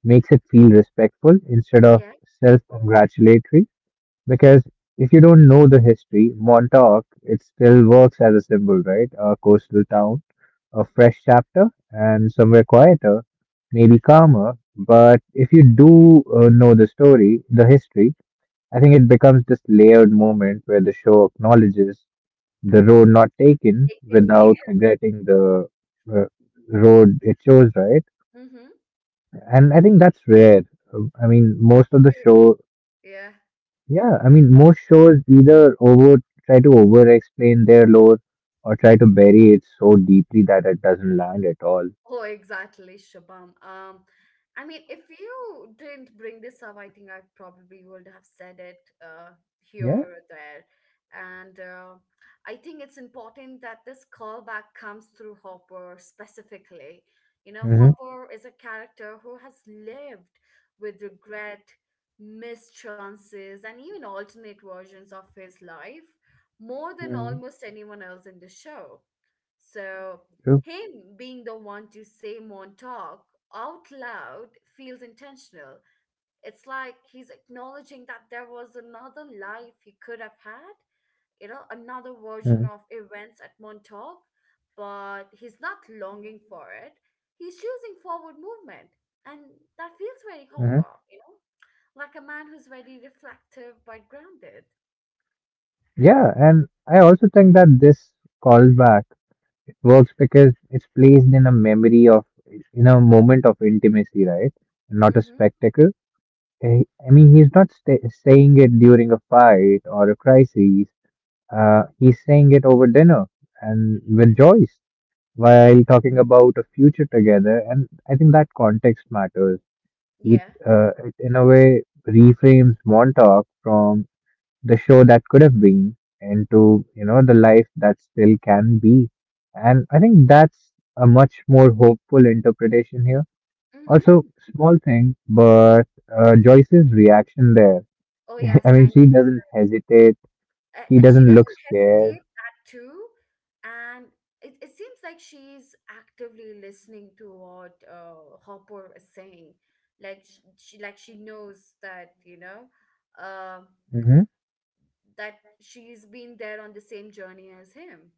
[SPEAKER 2] makes it feel respectful instead of
[SPEAKER 1] Yeah.
[SPEAKER 2] self congratulatory. Because if you don't know the history, Montauk, it still works as a symbol, right? A coastal town, a fresh chapter, and somewhere quieter, maybe calmer. But if you do know the story, the history, I think it becomes this layered moment where the show acknowledges the road not taken without
[SPEAKER 1] Yeah.
[SPEAKER 2] regretting the uh, road it chose, right?
[SPEAKER 1] Mm-hmm.
[SPEAKER 2] And I think that's rare. I mean, most of the show,
[SPEAKER 1] Yeah.
[SPEAKER 2] yeah, I mean, most shows either over try to over explain their lore or try to bury it so deeply that it doesn't land at all.
[SPEAKER 1] Oh, exactly, Shabam. I mean, if you didn't bring this up, I think I probably would have said it here
[SPEAKER 2] Yeah.
[SPEAKER 1] or there. And I think it's important that this callback comes through Hopper specifically. You know,
[SPEAKER 2] Mm-hmm.
[SPEAKER 1] Hopper is a character who has lived with regret, missed chances, and even alternate versions of his life more than
[SPEAKER 2] Mm-hmm.
[SPEAKER 1] almost anyone else in the show. So,
[SPEAKER 2] True.
[SPEAKER 1] him being the one to say Montauk out loud feels intentional. It's like he's acknowledging that there was another life he could have had, another
[SPEAKER 2] Mm-hmm.
[SPEAKER 1] version of events at Montauk, but he's not longing for it. He's choosing forward movement. And that feels very
[SPEAKER 2] Mm-hmm.
[SPEAKER 1] Hopper, like a man who's very reflective but grounded.
[SPEAKER 2] Yeah, and I also think that this callback works because it's placed in a memory of in a moment of intimacy, right, not a
[SPEAKER 1] Mm hmm.
[SPEAKER 2] spectacle. Eh, I mean he's not sta saying it during a fight or a crisis. He's saying it over dinner and with Joyce while talking about a future together, and I think that context matters. It,
[SPEAKER 1] Yeah.
[SPEAKER 2] it in a way reframes Montauk from the show that could have been into you know the life that still can be, and I think that's a much more hopeful interpretation here.
[SPEAKER 1] Mm hmm.
[SPEAKER 2] Also, small thing, but Joyce's reaction there.
[SPEAKER 1] Oh, yes,
[SPEAKER 2] I
[SPEAKER 1] I
[SPEAKER 2] mean
[SPEAKER 1] know.
[SPEAKER 2] she doesn't hesitate, she
[SPEAKER 1] That she
[SPEAKER 2] doesn't look
[SPEAKER 1] doesn't hesitate
[SPEAKER 2] scared.
[SPEAKER 1] that too, and it seems like she's actively listening to what Hopper is saying, like she knows that uh
[SPEAKER 2] Hmm.
[SPEAKER 1] that she's been there on the same journey as him.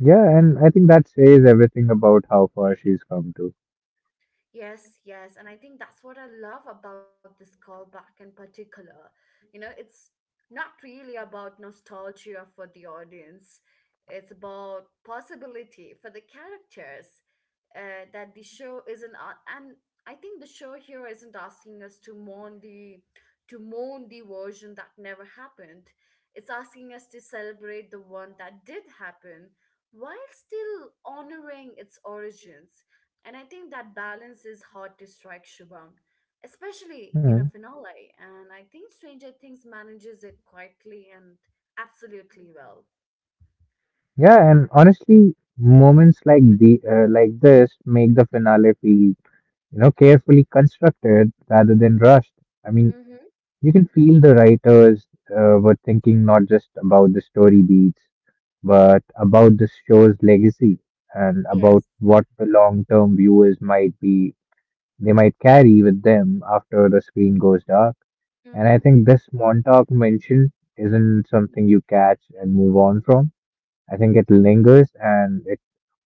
[SPEAKER 2] Yeah, and I think that says everything about how far she's come to.
[SPEAKER 1] Yes, yes. And I think that's what I love about this callback in particular. You know, it's not really about nostalgia for the audience, it's about possibility for the characters that the show isn't. And I think the show here isn't asking us to mourn the version that never happened. It's asking us to celebrate the one that did happen while still honoring its origins, and I think that balance is hard to strike, Shubham, especially in a
[SPEAKER 2] Mm.
[SPEAKER 1] finale. And I think Stranger Things manages it quietly and absolutely well.
[SPEAKER 2] Yeah, and honestly moments like the like this make the finale feel you know, carefully constructed rather than rushed. I mean,
[SPEAKER 1] Mm-hmm.
[SPEAKER 2] you can feel the writers were thinking not just about the story beats, but about the show's legacy and about
[SPEAKER 1] Yes.
[SPEAKER 2] what the long term viewers they might carry with them after the screen goes dark. And I
[SPEAKER 1] Mm-hmm.
[SPEAKER 2] think this Montauk mention isn't something you catch and move on from. I think it lingers and it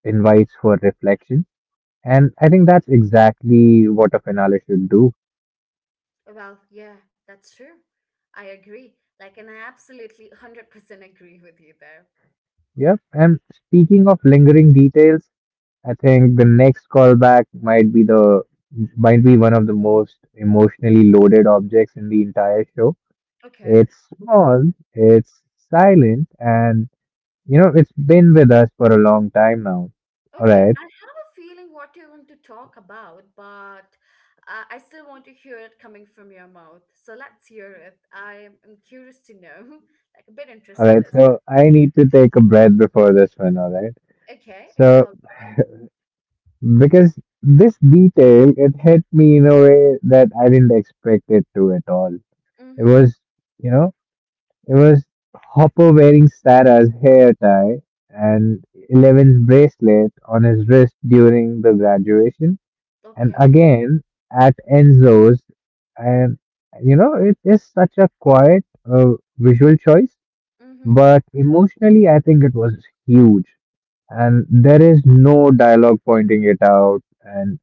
[SPEAKER 2] invites for reflection. And I think that's exactly what a finale should do.
[SPEAKER 1] Well, yeah, that's true. I agree. Like, and I absolutely 100% agree with you there.
[SPEAKER 2] Yep. And speaking of lingering details, I think the next callback might be the might be one of the most emotionally loaded objects in the entire show.
[SPEAKER 1] Okay.
[SPEAKER 2] It's small, it's silent, and you know it's been with us for a long time now. All
[SPEAKER 1] Okay. I have
[SPEAKER 2] right,
[SPEAKER 1] a feeling what you want to talk about, but I still want to hear it coming from your mouth. So let's hear it. I'm curious to know, like, a bit
[SPEAKER 2] all
[SPEAKER 1] interested
[SPEAKER 2] right.
[SPEAKER 1] as.
[SPEAKER 2] So I need to take a breath before this one. All right.
[SPEAKER 1] Okay, okay.
[SPEAKER 2] So because this detail, it hit me in a way that I didn't expect it to at all. It
[SPEAKER 1] Mhm.
[SPEAKER 2] was, you know, It was Hopper wearing Sarah's hair tie and Eleven's bracelet on his wrist during the graduation, and
[SPEAKER 1] Okay.
[SPEAKER 2] again at Enzo's. And you know, it is such a quiet visual choice,
[SPEAKER 1] Mhm.
[SPEAKER 2] but emotionally, I think it was huge. And there is no dialogue pointing it out, and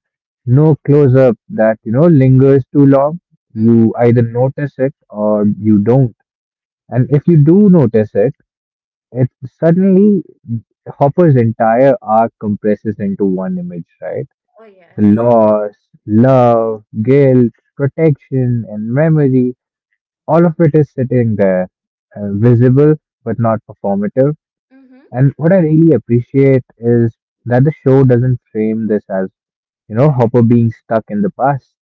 [SPEAKER 2] no close up that you know lingers too long.
[SPEAKER 1] Mhm.
[SPEAKER 2] You either notice it or you don't. And if you do notice it, it suddenly Hopper's entire arc compresses into one image, right?
[SPEAKER 1] Oh
[SPEAKER 2] The
[SPEAKER 1] yes.
[SPEAKER 2] loss, love, guilt, protection, and memory, all of it is sitting there, visible but not performative.
[SPEAKER 1] Mhm.
[SPEAKER 2] And what I really appreciate is that the show doesn't frame this as, you know, Hopper being stuck in the past.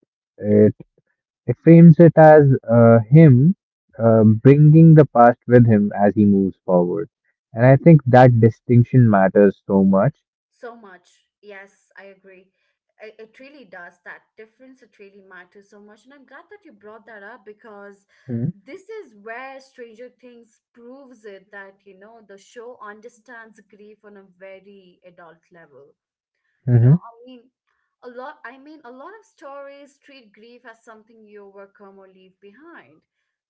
[SPEAKER 2] It frames it as him bringing the past with him as he moves forward. And I think that distinction matters so much.
[SPEAKER 1] So much. Yes, I agree. It really does. That difference, it really matters so much. And I'm glad that you brought that up, because
[SPEAKER 2] Mm-hmm.
[SPEAKER 1] this is where Stranger Things proves it that, the show understands grief on a very adult level. You know,
[SPEAKER 2] Mm-hmm.
[SPEAKER 1] I mean, a lot of stories treat grief as something you overcome or leave behind.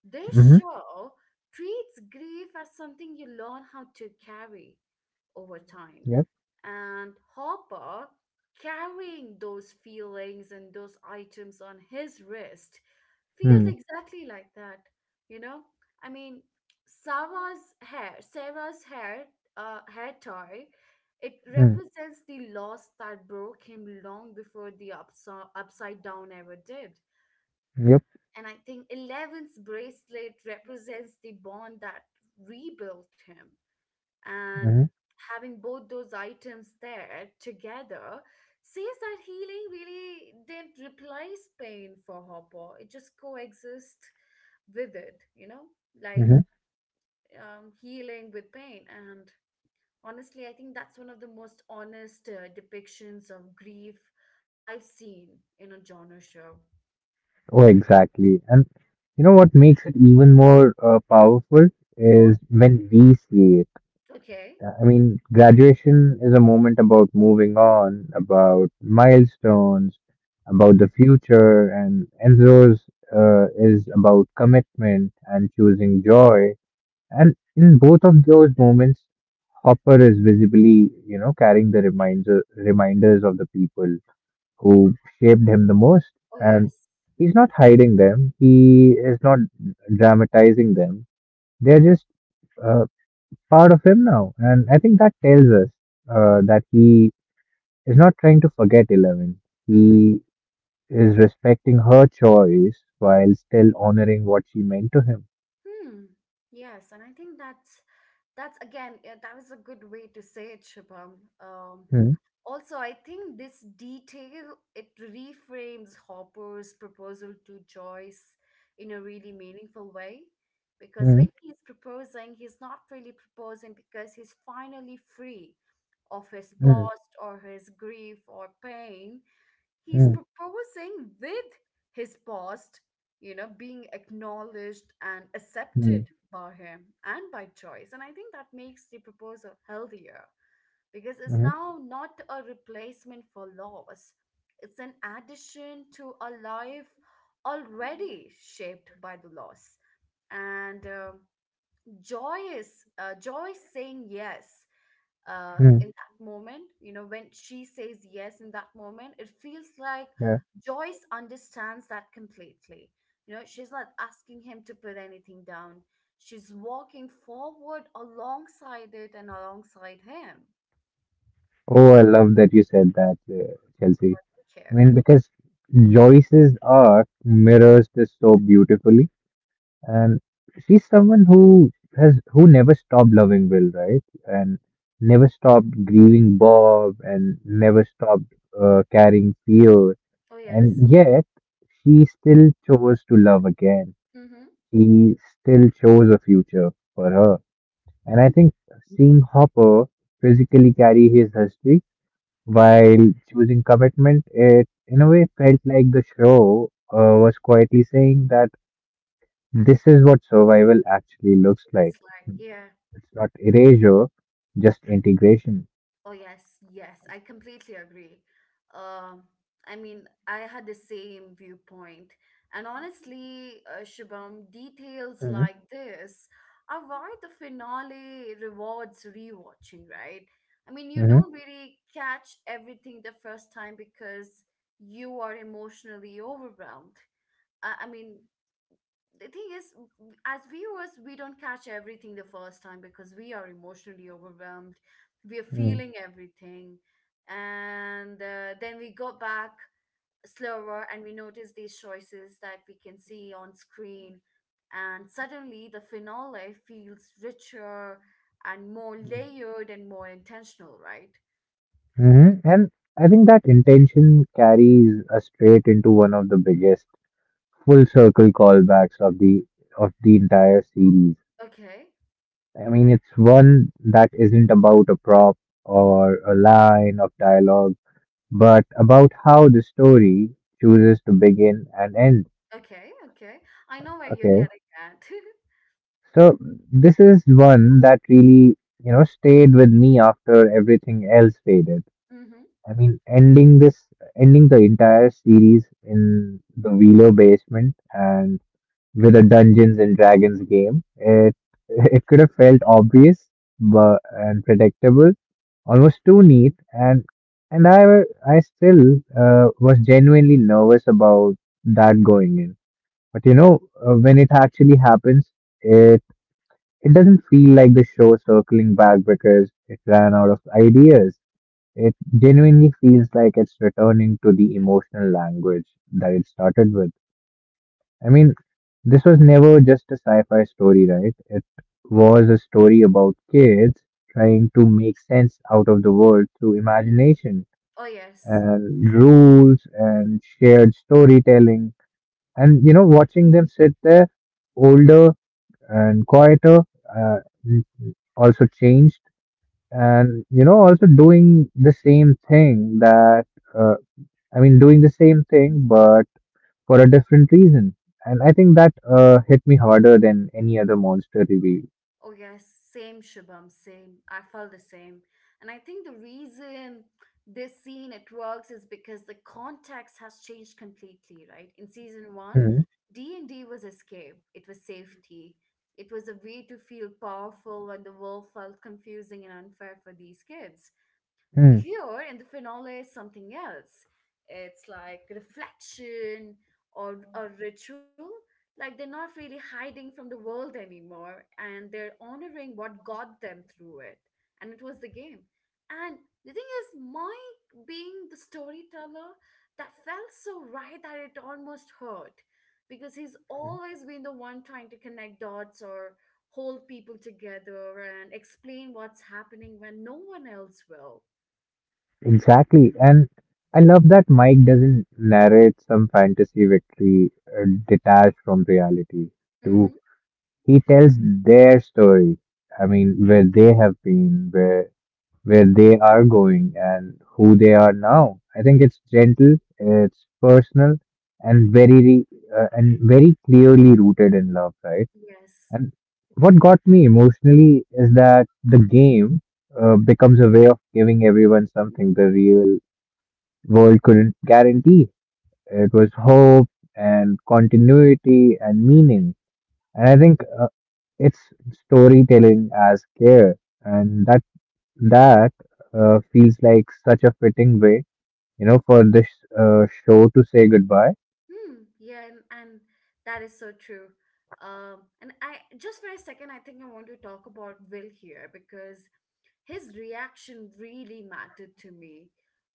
[SPEAKER 1] This
[SPEAKER 2] Mm-hmm.
[SPEAKER 1] show treats grief as something you learn how to carry over time.
[SPEAKER 2] Yep.
[SPEAKER 1] And Hopper carrying those feelings and those items on his wrist feels
[SPEAKER 2] Mm-hmm.
[SPEAKER 1] exactly like that. You know I mean Sarah's hair tie, it represents the loss that broke him long before the upside down ever did.
[SPEAKER 2] Yep.
[SPEAKER 1] And I think Eleven's bracelet represents the bond that rebuilt him. And
[SPEAKER 2] Mm-hmm.
[SPEAKER 1] having both those items there together says that healing really didn't replace pain for Hopper. It just coexist with it, like
[SPEAKER 2] Mm-hmm.
[SPEAKER 1] healing with pain. And honestly, I think that's one of the most honest depictions of grief I've seen in a genre show.
[SPEAKER 2] Oh, exactly. And you know what makes it even more powerful
[SPEAKER 1] What.
[SPEAKER 2] is when we see it.
[SPEAKER 1] Okay.
[SPEAKER 2] Yeah, I mean, graduation is a moment about moving on, about milestones, about the future, and Enzo's is about commitment and choosing joy. And in both of those moments, Hopper is visibly, you know, carrying the reminders of the people who shaped him the most.
[SPEAKER 1] Oh
[SPEAKER 2] And
[SPEAKER 1] yes.
[SPEAKER 2] he's not hiding them. He is not dramatizing them. They're just uh, part of him now. And I think that tells us that he is not trying to forget Eleven.
[SPEAKER 1] Mm-hmm.
[SPEAKER 2] He is respecting her choice while still honoring what she meant to him.
[SPEAKER 1] Hmm. Yes, and I think that was a good way to say it, Shubham.
[SPEAKER 2] Hmm.
[SPEAKER 1] Also, I think this detail, it reframes Hopper's proposal to Joyce in a really meaningful way, because
[SPEAKER 2] hmm,
[SPEAKER 1] when he's proposing, he's not really proposing because he's finally free of his
[SPEAKER 2] hmm,
[SPEAKER 1] past or his grief or pain. He's
[SPEAKER 2] hmm,
[SPEAKER 1] proposing with his past, being acknowledged and
[SPEAKER 2] hmm,
[SPEAKER 1] accepted by him and by choice. And I think that makes the proposal healthier, because it's
[SPEAKER 2] hmm,
[SPEAKER 1] now not a replacement for loss, it's an addition to a life already shaped by the loss. And joy is saying yes
[SPEAKER 2] hmm,
[SPEAKER 1] in that moment. You know, when she says yes in that moment, it feels like
[SPEAKER 2] Yeah.
[SPEAKER 1] Joyce understands that completely. You know, she's not asking him to put anything down. She's walking forward alongside it and alongside him.
[SPEAKER 2] Oh, I love that you said that, Chelsea.
[SPEAKER 1] Thank you.
[SPEAKER 2] I mean, because Joyce's arc mirrors this so beautifully. And she's someone who never stopped loving Will, right? And never stopped grieving Bob, and never stopped carrying fear.
[SPEAKER 1] Oh, yes.
[SPEAKER 2] And yet, she still chose to love again.
[SPEAKER 1] Mm-hmm.
[SPEAKER 2] She still chose a future for her. And I think seeing Hopper physically carry his history while choosing commitment, it in a way felt like the show was quietly saying that this is what survival actually looks
[SPEAKER 1] It's
[SPEAKER 2] like.
[SPEAKER 1] like, yeah.
[SPEAKER 2] It's not erasure, just integration.
[SPEAKER 1] Oh yes, yes, I completely agree. Um, I mean, I had the same viewpoint, and honestly, Shubham, details
[SPEAKER 2] Mm-hmm.
[SPEAKER 1] like this are why the finale rewards rewatching, right? I mean, you don't really catch everything the first time because you are emotionally overwhelmed. I mean, the thing is, as viewers, we don't catch everything the first time because we are emotionally overwhelmed. We are
[SPEAKER 2] Mm-hmm.
[SPEAKER 1] feeling everything. And then we go back slower and we notice these choices that we can see on screen. And suddenly the finale feels richer and more layered and more intentional, right?
[SPEAKER 2] And I think that intention carries us straight into one of the biggest full circle callbacks of the entire series.
[SPEAKER 1] Okay,
[SPEAKER 2] I mean, it's one that isn't about a prop or a line of dialogue, but about how the story chooses to begin and end.
[SPEAKER 1] okay, okay. I know where you're
[SPEAKER 2] Okay.
[SPEAKER 1] getting at.
[SPEAKER 2] So this is one that really, you know, stayed with me after everything else faded.
[SPEAKER 1] Mm-hmm,
[SPEAKER 2] I mean, ending the entire series in the Wheeler basement and with a Dungeons and Dragons game, it it could have felt obvious, but and predictable, almost too neat, and I still was genuinely nervous about that going in. But you know, when it actually happens, it doesn't feel like the show circling back because it ran out of ideas. It genuinely feels like it's returning to the emotional language that it started with. I mean, this was never just a sci fi story, right? It was a story about kids trying to make sense out of the world through
[SPEAKER 1] mm-hmm.
[SPEAKER 2] imagination
[SPEAKER 1] Oh, yes.
[SPEAKER 2] and rules and shared storytelling. And, you know, watching them sit there, older and quieter, uh, also changed and you know also doing the same thing that uh, doing the same thing but for a different reason. And I think that hit me harder than any other monster reveal.
[SPEAKER 1] Oh, yes, same Shubham, same. I felt the same. And I think the reason this scene, it works, is because the context has changed completely, right? In season one,
[SPEAKER 2] Hmm.
[SPEAKER 1] D&D was escape. It was safety. It was a way to feel powerful when the world felt confusing and unfair for these kids.
[SPEAKER 2] Hmm,
[SPEAKER 1] Here in the finale is something else. It's like reflection or a ritual. Like they're not really hiding from the world anymore, and they're honoring what got them through it. And it was the game. And the thing is, Mike being the storyteller, that felt so right that it almost hurt, because he's always been the one trying to connect dots or hold people together and explain what's happening when no one else will.
[SPEAKER 2] exactly. And I love that Mike doesn't narrate some fantasy victory, detached from reality too.
[SPEAKER 1] Mm-hmm.
[SPEAKER 2] He tells their story, I mean where they have been, where they are going and who they are now. I think it's gentle, it's personal, and and very clearly rooted in love, right?
[SPEAKER 1] Yes.
[SPEAKER 2] And what got me emotionally is that the game becomes a way of giving everyone something the real world couldn't guarantee. It was hope and continuity and meaning. And I think it's storytelling as care, and that feels like such a fitting way, you know, for this show to say goodbye.
[SPEAKER 1] Hmm. Yeah, and that is so true. And I just, for a second, I think I want to talk about Will here, because his reaction really mattered to me.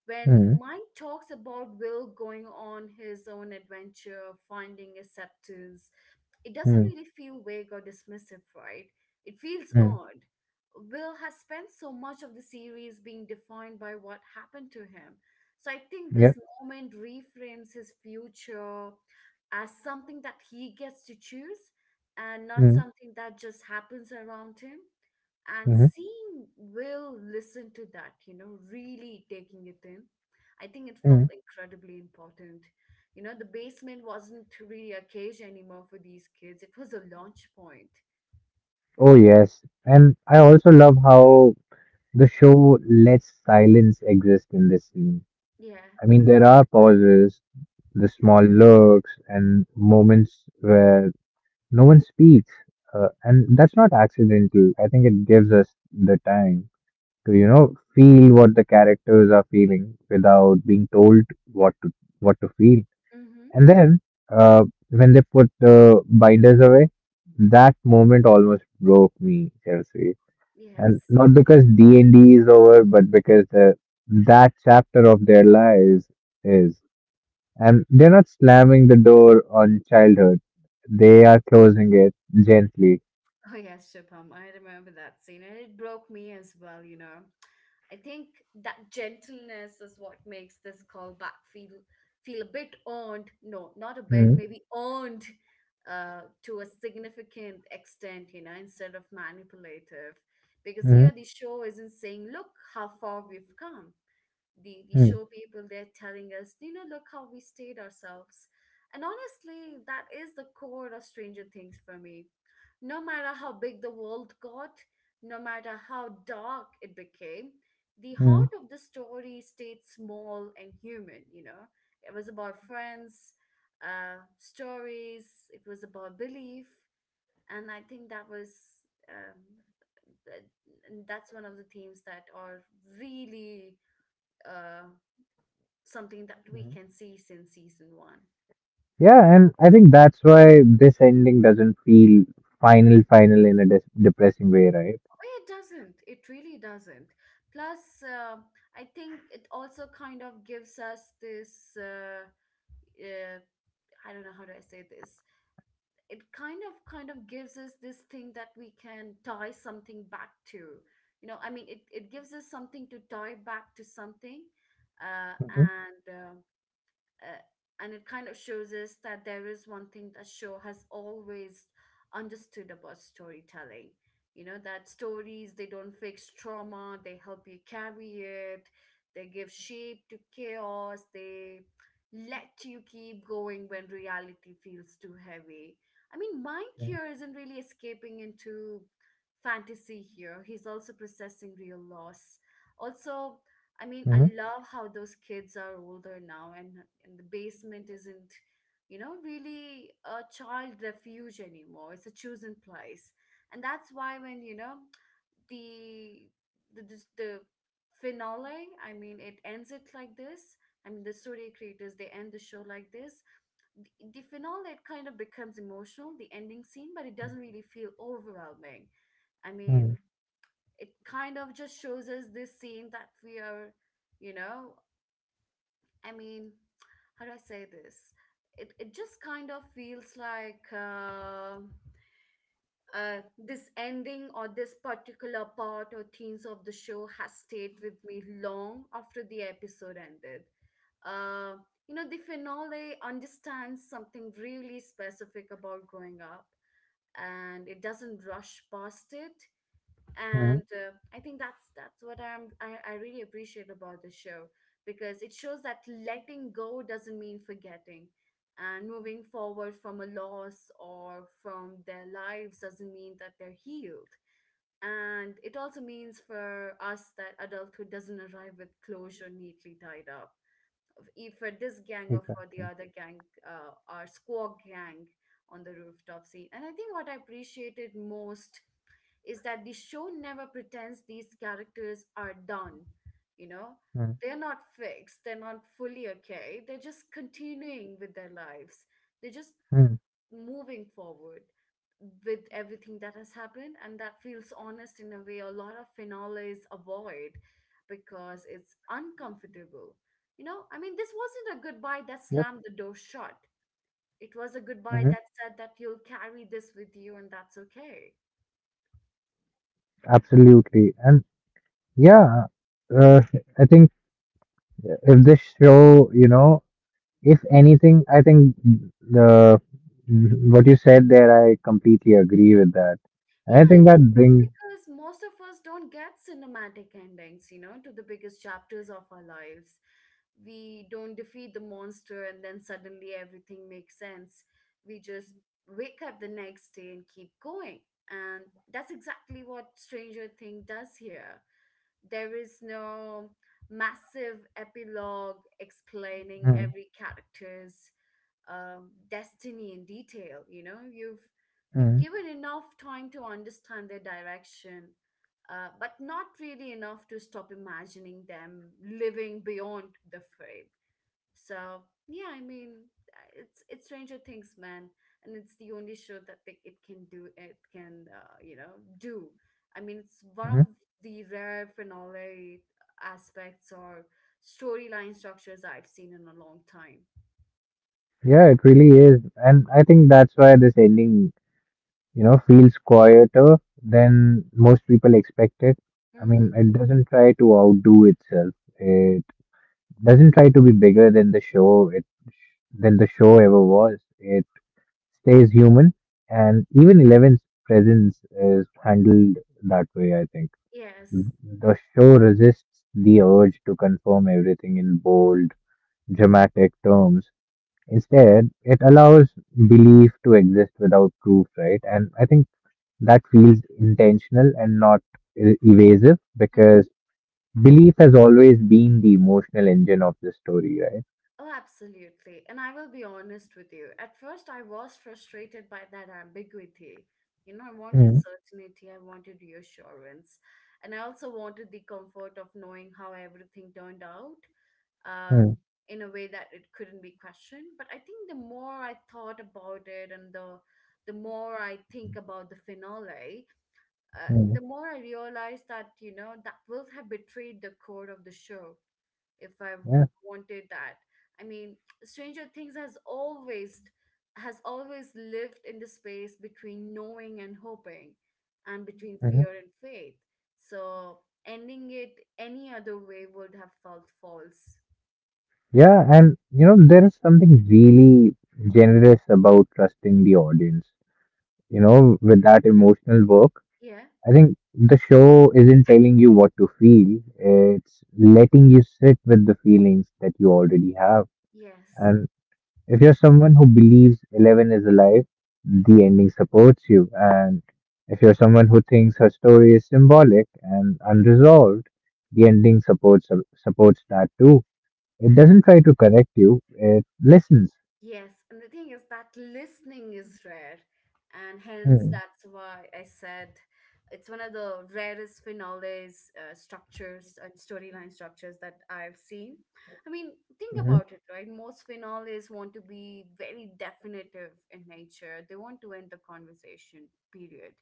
[SPEAKER 1] When
[SPEAKER 2] Mm,
[SPEAKER 1] Mike talks about Will going on his own adventure, finding acceptance, it doesn't
[SPEAKER 2] mm,
[SPEAKER 1] really feel vague or dismissive, right? It feels
[SPEAKER 2] mm.
[SPEAKER 1] odd. Will has spent so much of the series being defined by what happened to him. So I think this
[SPEAKER 2] Yep.
[SPEAKER 1] moment reframes his future as something that he gets to choose and not
[SPEAKER 2] Mm,
[SPEAKER 1] something that just happens around him. And
[SPEAKER 2] mm,
[SPEAKER 1] seeing Will listen to that, really taking it in, I think it felt
[SPEAKER 2] mm.
[SPEAKER 1] incredibly important. You know, the basement wasn't really a cage anymore for these kids, it was a launch point.
[SPEAKER 2] Oh, yes. And I also love how the show lets silence exist in this scene.
[SPEAKER 1] Yeah.
[SPEAKER 2] I mean, there are pauses, the small looks, and moments where no one speaks. And that's not accidental. I think it gives us the time to you know feel what the characters are feeling without being told what to what to feel.
[SPEAKER 1] Mm-hmm.
[SPEAKER 2] And then uh, when they put the binders away, that moment almost broke me, Chelsea. And
[SPEAKER 1] Yes.
[SPEAKER 2] not because D&D is over, but because that chapter of their lives is. And they're not slamming the door on childhood, they are closing it gently.
[SPEAKER 1] Oh, yes, Shubham. I remember that scene, and it broke me as well. I think that gentleness is what makes this callback feel a bit earned. No, not a bit, maybe earned to a significant extent, instead of manipulative. Because
[SPEAKER 2] Mm-hmm.
[SPEAKER 1] here the show isn't saying, look how far we've come. The show people, they're telling us, look how we stayed ourselves. And honestly, that is the core of Stranger Things for me. No matter how big the world got, no matter how dark it became, the
[SPEAKER 2] Mm-hmm.
[SPEAKER 1] heart of the story stayed small and human. You know, it was about friends, stories, it was about belief. And I think that was um, that, that's one of the themes that are really uh, something that we can see since season one.
[SPEAKER 2] Yeah, and I think that's why this ending doesn't feel final in a depressing way, right?
[SPEAKER 1] It doesn't. It really doesn't. Plus, I think it also kind of gives us this. Uh, I don't know how do I say this. It kind of gives us this thing that we can tie something back to. You know, I mean, it gives us something to tie back to something,
[SPEAKER 2] Mm-hmm.
[SPEAKER 1] and. Uh, and it kind of shows us that there is one thing that show has always understood about storytelling. You know, that stories, they don't fix trauma, they help you carry it. They give shape to chaos, they let you keep going when reality feels too heavy. I mean, Mike here isn't really escaping into fantasy here, he's also processing real loss also. I mean, I
[SPEAKER 2] Mm-hmm.
[SPEAKER 1] love how those kids are older now, and the basement isn't, really a child refuge anymore. It's a chosen place, and that's why when you know the the finale, I mean, it ends it like this. I mean, the story creators, they end the show like this. The finale, it kind of becomes emotional, the ending scene, but it doesn't really feel overwhelming. I mean,
[SPEAKER 2] Mm-hmm.
[SPEAKER 1] it kind of just shows us this scene that we are, you know, I mean, how do I say this? It just kind of feels like this ending or this particular part or themes of the show has stayed with me long after the episode ended. Uh, you know, the finale understands something really specific about growing up, and it doesn't rush past it. And
[SPEAKER 2] Hmm.
[SPEAKER 1] I think that's what I'm I really appreciate about the show, because it shows that letting go doesn't mean forgetting, and moving forward from a loss or from their lives doesn't mean that they're healed. And it also means for us that adulthood doesn't arrive with closure neatly tied up, if for this gang or for the
[SPEAKER 2] Exactly.
[SPEAKER 1] other gang. Our squawk gang on the rooftop scene. And I think what I appreciated most is that the show never pretends these characters are done, you know? They're not fixed, they're not fully okay, they're just continuing with their lives. They're just
[SPEAKER 2] Mm-hmm.
[SPEAKER 1] moving forward with everything that has happened, and that feels honest in a way a lot of finales avoid because it's uncomfortable. You know, I mean, this wasn't a goodbye that
[SPEAKER 2] Yep.
[SPEAKER 1] slammed the door shut. It was a goodbye
[SPEAKER 2] Hmm.
[SPEAKER 1] that said that you'll carry this with you and that's okay.
[SPEAKER 2] Absolutely. And yeah, uh, I think if this show, you know, if anything, I think the what you said there, I completely agree with that. And
[SPEAKER 1] Yeah,
[SPEAKER 2] I
[SPEAKER 1] I
[SPEAKER 2] think that
[SPEAKER 1] mean,
[SPEAKER 2] brings—
[SPEAKER 1] because most of us don't get cinematic endings, you know, to the biggest chapters of our lives. We don't defeat the monster and then suddenly everything makes sense. We just wake up the next day and keep going. And that's exactly what Stranger Things does here. There is no massive epilogue explaining every character's destiny in detail. You know, you've
[SPEAKER 2] Mm,
[SPEAKER 1] given enough time to understand their direction, but not really enough to stop imagining them living beyond the frame. So yeah, I mean, it's Stranger Things, man. And it's the only show that it can do. It can, you know, do, I mean, it's one of
[SPEAKER 2] mhm.
[SPEAKER 1] the rare finale aspects or storyline structures I've seen in a long time.
[SPEAKER 2] Yeah, it really is. And I think that's why this ending, you know, feels quieter than most people expect it. I mean,
[SPEAKER 1] Hmm.
[SPEAKER 2] it doesn't try to outdo itself. It doesn't try to be bigger than the show it than the show ever was. It stays human, and even Eleven's presence is handled that way, I think.
[SPEAKER 1] Yes.
[SPEAKER 2] The show resists the urge to confirm everything in bold, dramatic terms. Instead, it allows belief to exist without proof, right? And I think that feels intentional and not evasive,
[SPEAKER 1] Mm-hmm.
[SPEAKER 2] because belief has always been the emotional engine of the story, right?
[SPEAKER 1] Oh, absolutely. And I will be honest with you. At first, I was frustrated by that ambiguity. You know, I wanted
[SPEAKER 2] Mm,
[SPEAKER 1] certainty, I wanted reassurance, and I also wanted the comfort of knowing how everything turned out, uh,
[SPEAKER 2] mm,
[SPEAKER 1] in a way that it couldn't be questioned. But I think the more I thought about it and the more I think about the finale,
[SPEAKER 2] mm.
[SPEAKER 1] the more I realized that, you know, that will have betrayed the core of the show if I
[SPEAKER 2] Yeah.
[SPEAKER 1] wanted that. I mean, Stranger Things has always lived in the space between knowing and hoping, and between
[SPEAKER 2] Mhm.
[SPEAKER 1] fear and faith. So ending it any other way would have felt false.
[SPEAKER 2] Yeah, and you know, there is something really generous about trusting the audience, you know, with that emotional work.
[SPEAKER 1] Yeah,
[SPEAKER 2] I think the show isn't telling you what to feel, it's letting you sit with the feelings that you already have.
[SPEAKER 1] yes.
[SPEAKER 2] And if you're someone who believes Eleven is alive, the ending supports you. And if you're someone who thinks her story is symbolic and unresolved, the ending supports that too. It doesn't try to correct you, it listens.
[SPEAKER 1] Yes, and the thing is that listening is rare, and hence
[SPEAKER 2] Hmm,
[SPEAKER 1] that's why I said it's one of the rarest finales, structures and storyline structures that I've seen. I mean, think
[SPEAKER 2] mhm,
[SPEAKER 1] about it, right? Most finales want to be very definitive in nature. They want to end the conversation, period.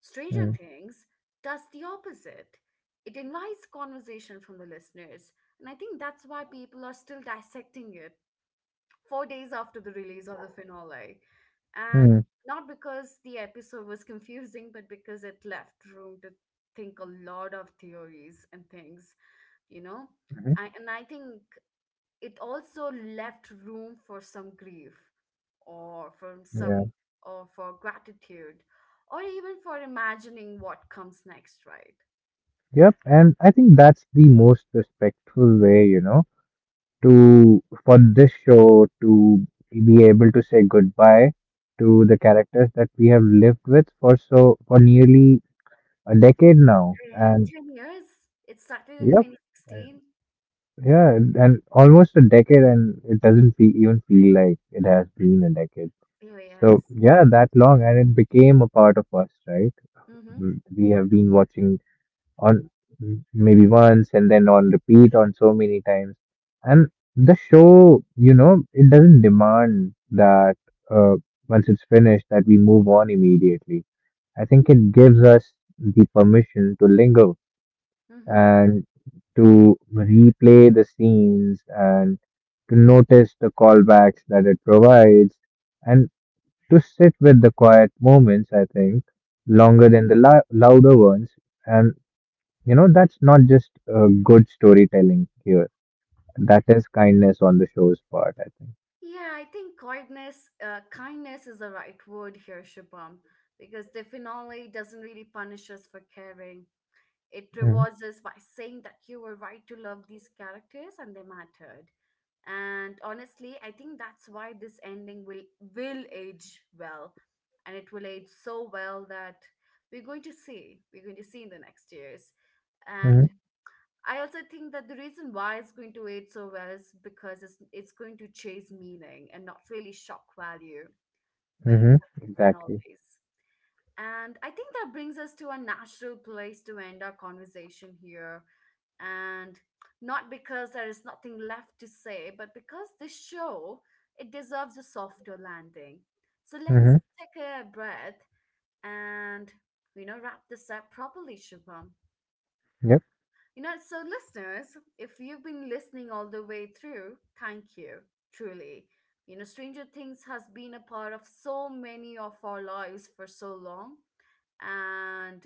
[SPEAKER 1] Stranger
[SPEAKER 2] hmm,
[SPEAKER 1] Things does the opposite. It invites conversation from the listeners, and I think that's why people are still dissecting it 4 days after the release of the finale. And
[SPEAKER 2] hmm,
[SPEAKER 1] not because the episode was confusing, but because it left room to think a lot of theories and things, you know?
[SPEAKER 2] mhm.
[SPEAKER 1] And I think it also left room for some grief, or for
[SPEAKER 2] Yeah.
[SPEAKER 1] some, or for gratitude, or even for imagining what comes next, right?
[SPEAKER 2] Yep. And I think that's the most respectful way, you know, to for this show to be able to say goodbye to the characters that we have lived with for for nearly a decade now.
[SPEAKER 1] Yeah,
[SPEAKER 2] And
[SPEAKER 1] 10 years. It started in
[SPEAKER 2] yep, uh,
[SPEAKER 1] 2016.
[SPEAKER 2] yeah, and almost a decade, and it doesn't fe even feel like it has been a decade.
[SPEAKER 1] Oh,
[SPEAKER 2] So
[SPEAKER 1] yes.
[SPEAKER 2] yeah, that long, and it became a part of us, right?
[SPEAKER 1] Mm-hmm.
[SPEAKER 2] Mhm. We have been watching on maybe once and then on repeat on so many times. And the show, you know, it doesn't demand that uh, once it's finished that we move on immediately. I think it gives us the permission to linger and to replay the scenes and to notice the callbacks that it provides and to sit with the quiet moments, I think, longer than the louder ones. And you know, that's not just good storytelling here. That is kindness on the show's part, I think.
[SPEAKER 1] Yeah, I think kindness, kindness is the right word here, Shubham, because the finale doesn't really punish us for caring. It
[SPEAKER 2] Mm-hmm.
[SPEAKER 1] rewards us by saying that you were right to love these characters and they mattered. And honestly, I think that's why this ending will age well, and it will age so well that We're going to see in the next years.
[SPEAKER 2] Mm-hmm.
[SPEAKER 1] And I also think that the reason why it's going to age so well is because it's going to chase meaning and not really shock value when it
[SPEAKER 2] Mm-hmm.
[SPEAKER 1] comes to
[SPEAKER 2] Exactly.
[SPEAKER 1] finales. And I think that brings us to a natural place to end our conversation here. And not because there is nothing left to say, but because this show, it deserves a softer landing. So let's
[SPEAKER 2] Mm-hmm.
[SPEAKER 1] take a breath and, you know, wrap this up properly, Shubham.
[SPEAKER 2] Yep.
[SPEAKER 1] You know, so listeners, if you've been listening all the way through, thank you, truly. You know, Stranger Things has been a part of so many of our lives for so long, and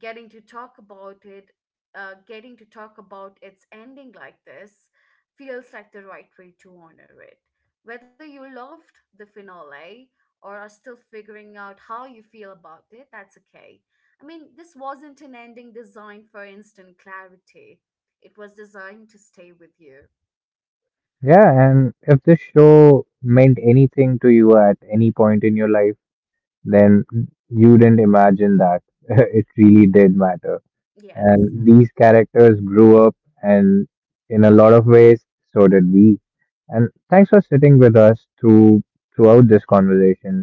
[SPEAKER 1] getting to talk about it, getting to talk about its ending like this feels like the right way to honor it. Whether you loved the finale or are still figuring out how you feel about it, that's okay. I mean, this wasn't an ending designed for instant clarity, it was designed to stay with you.
[SPEAKER 2] Yeah, and if this show meant anything to you at any point in your life, then you didn't imagine that it really did matter.
[SPEAKER 1] Yes.
[SPEAKER 2] And these characters grew up, and in a lot of ways, so did we. And thanks for sitting with us throughout this conversation,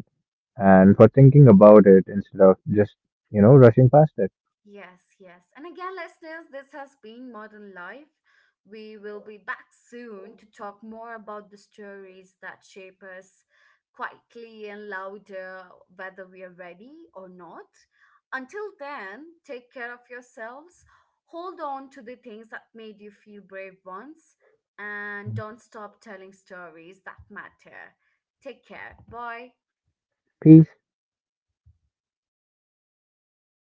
[SPEAKER 2] and for thinking about it instead of just, you know, rushing past it.
[SPEAKER 1] Yes, yes. And again, listeners, this has been Modern Life. We will be back soon to talk more about the stories that shape us, quietly and louder, whether we are ready or not. Until then, take care of yourselves. Hold on to the things that made you feel brave once, and
[SPEAKER 2] Mm.
[SPEAKER 1] don't stop telling stories that matter. Take care. Bye.
[SPEAKER 2] Peace.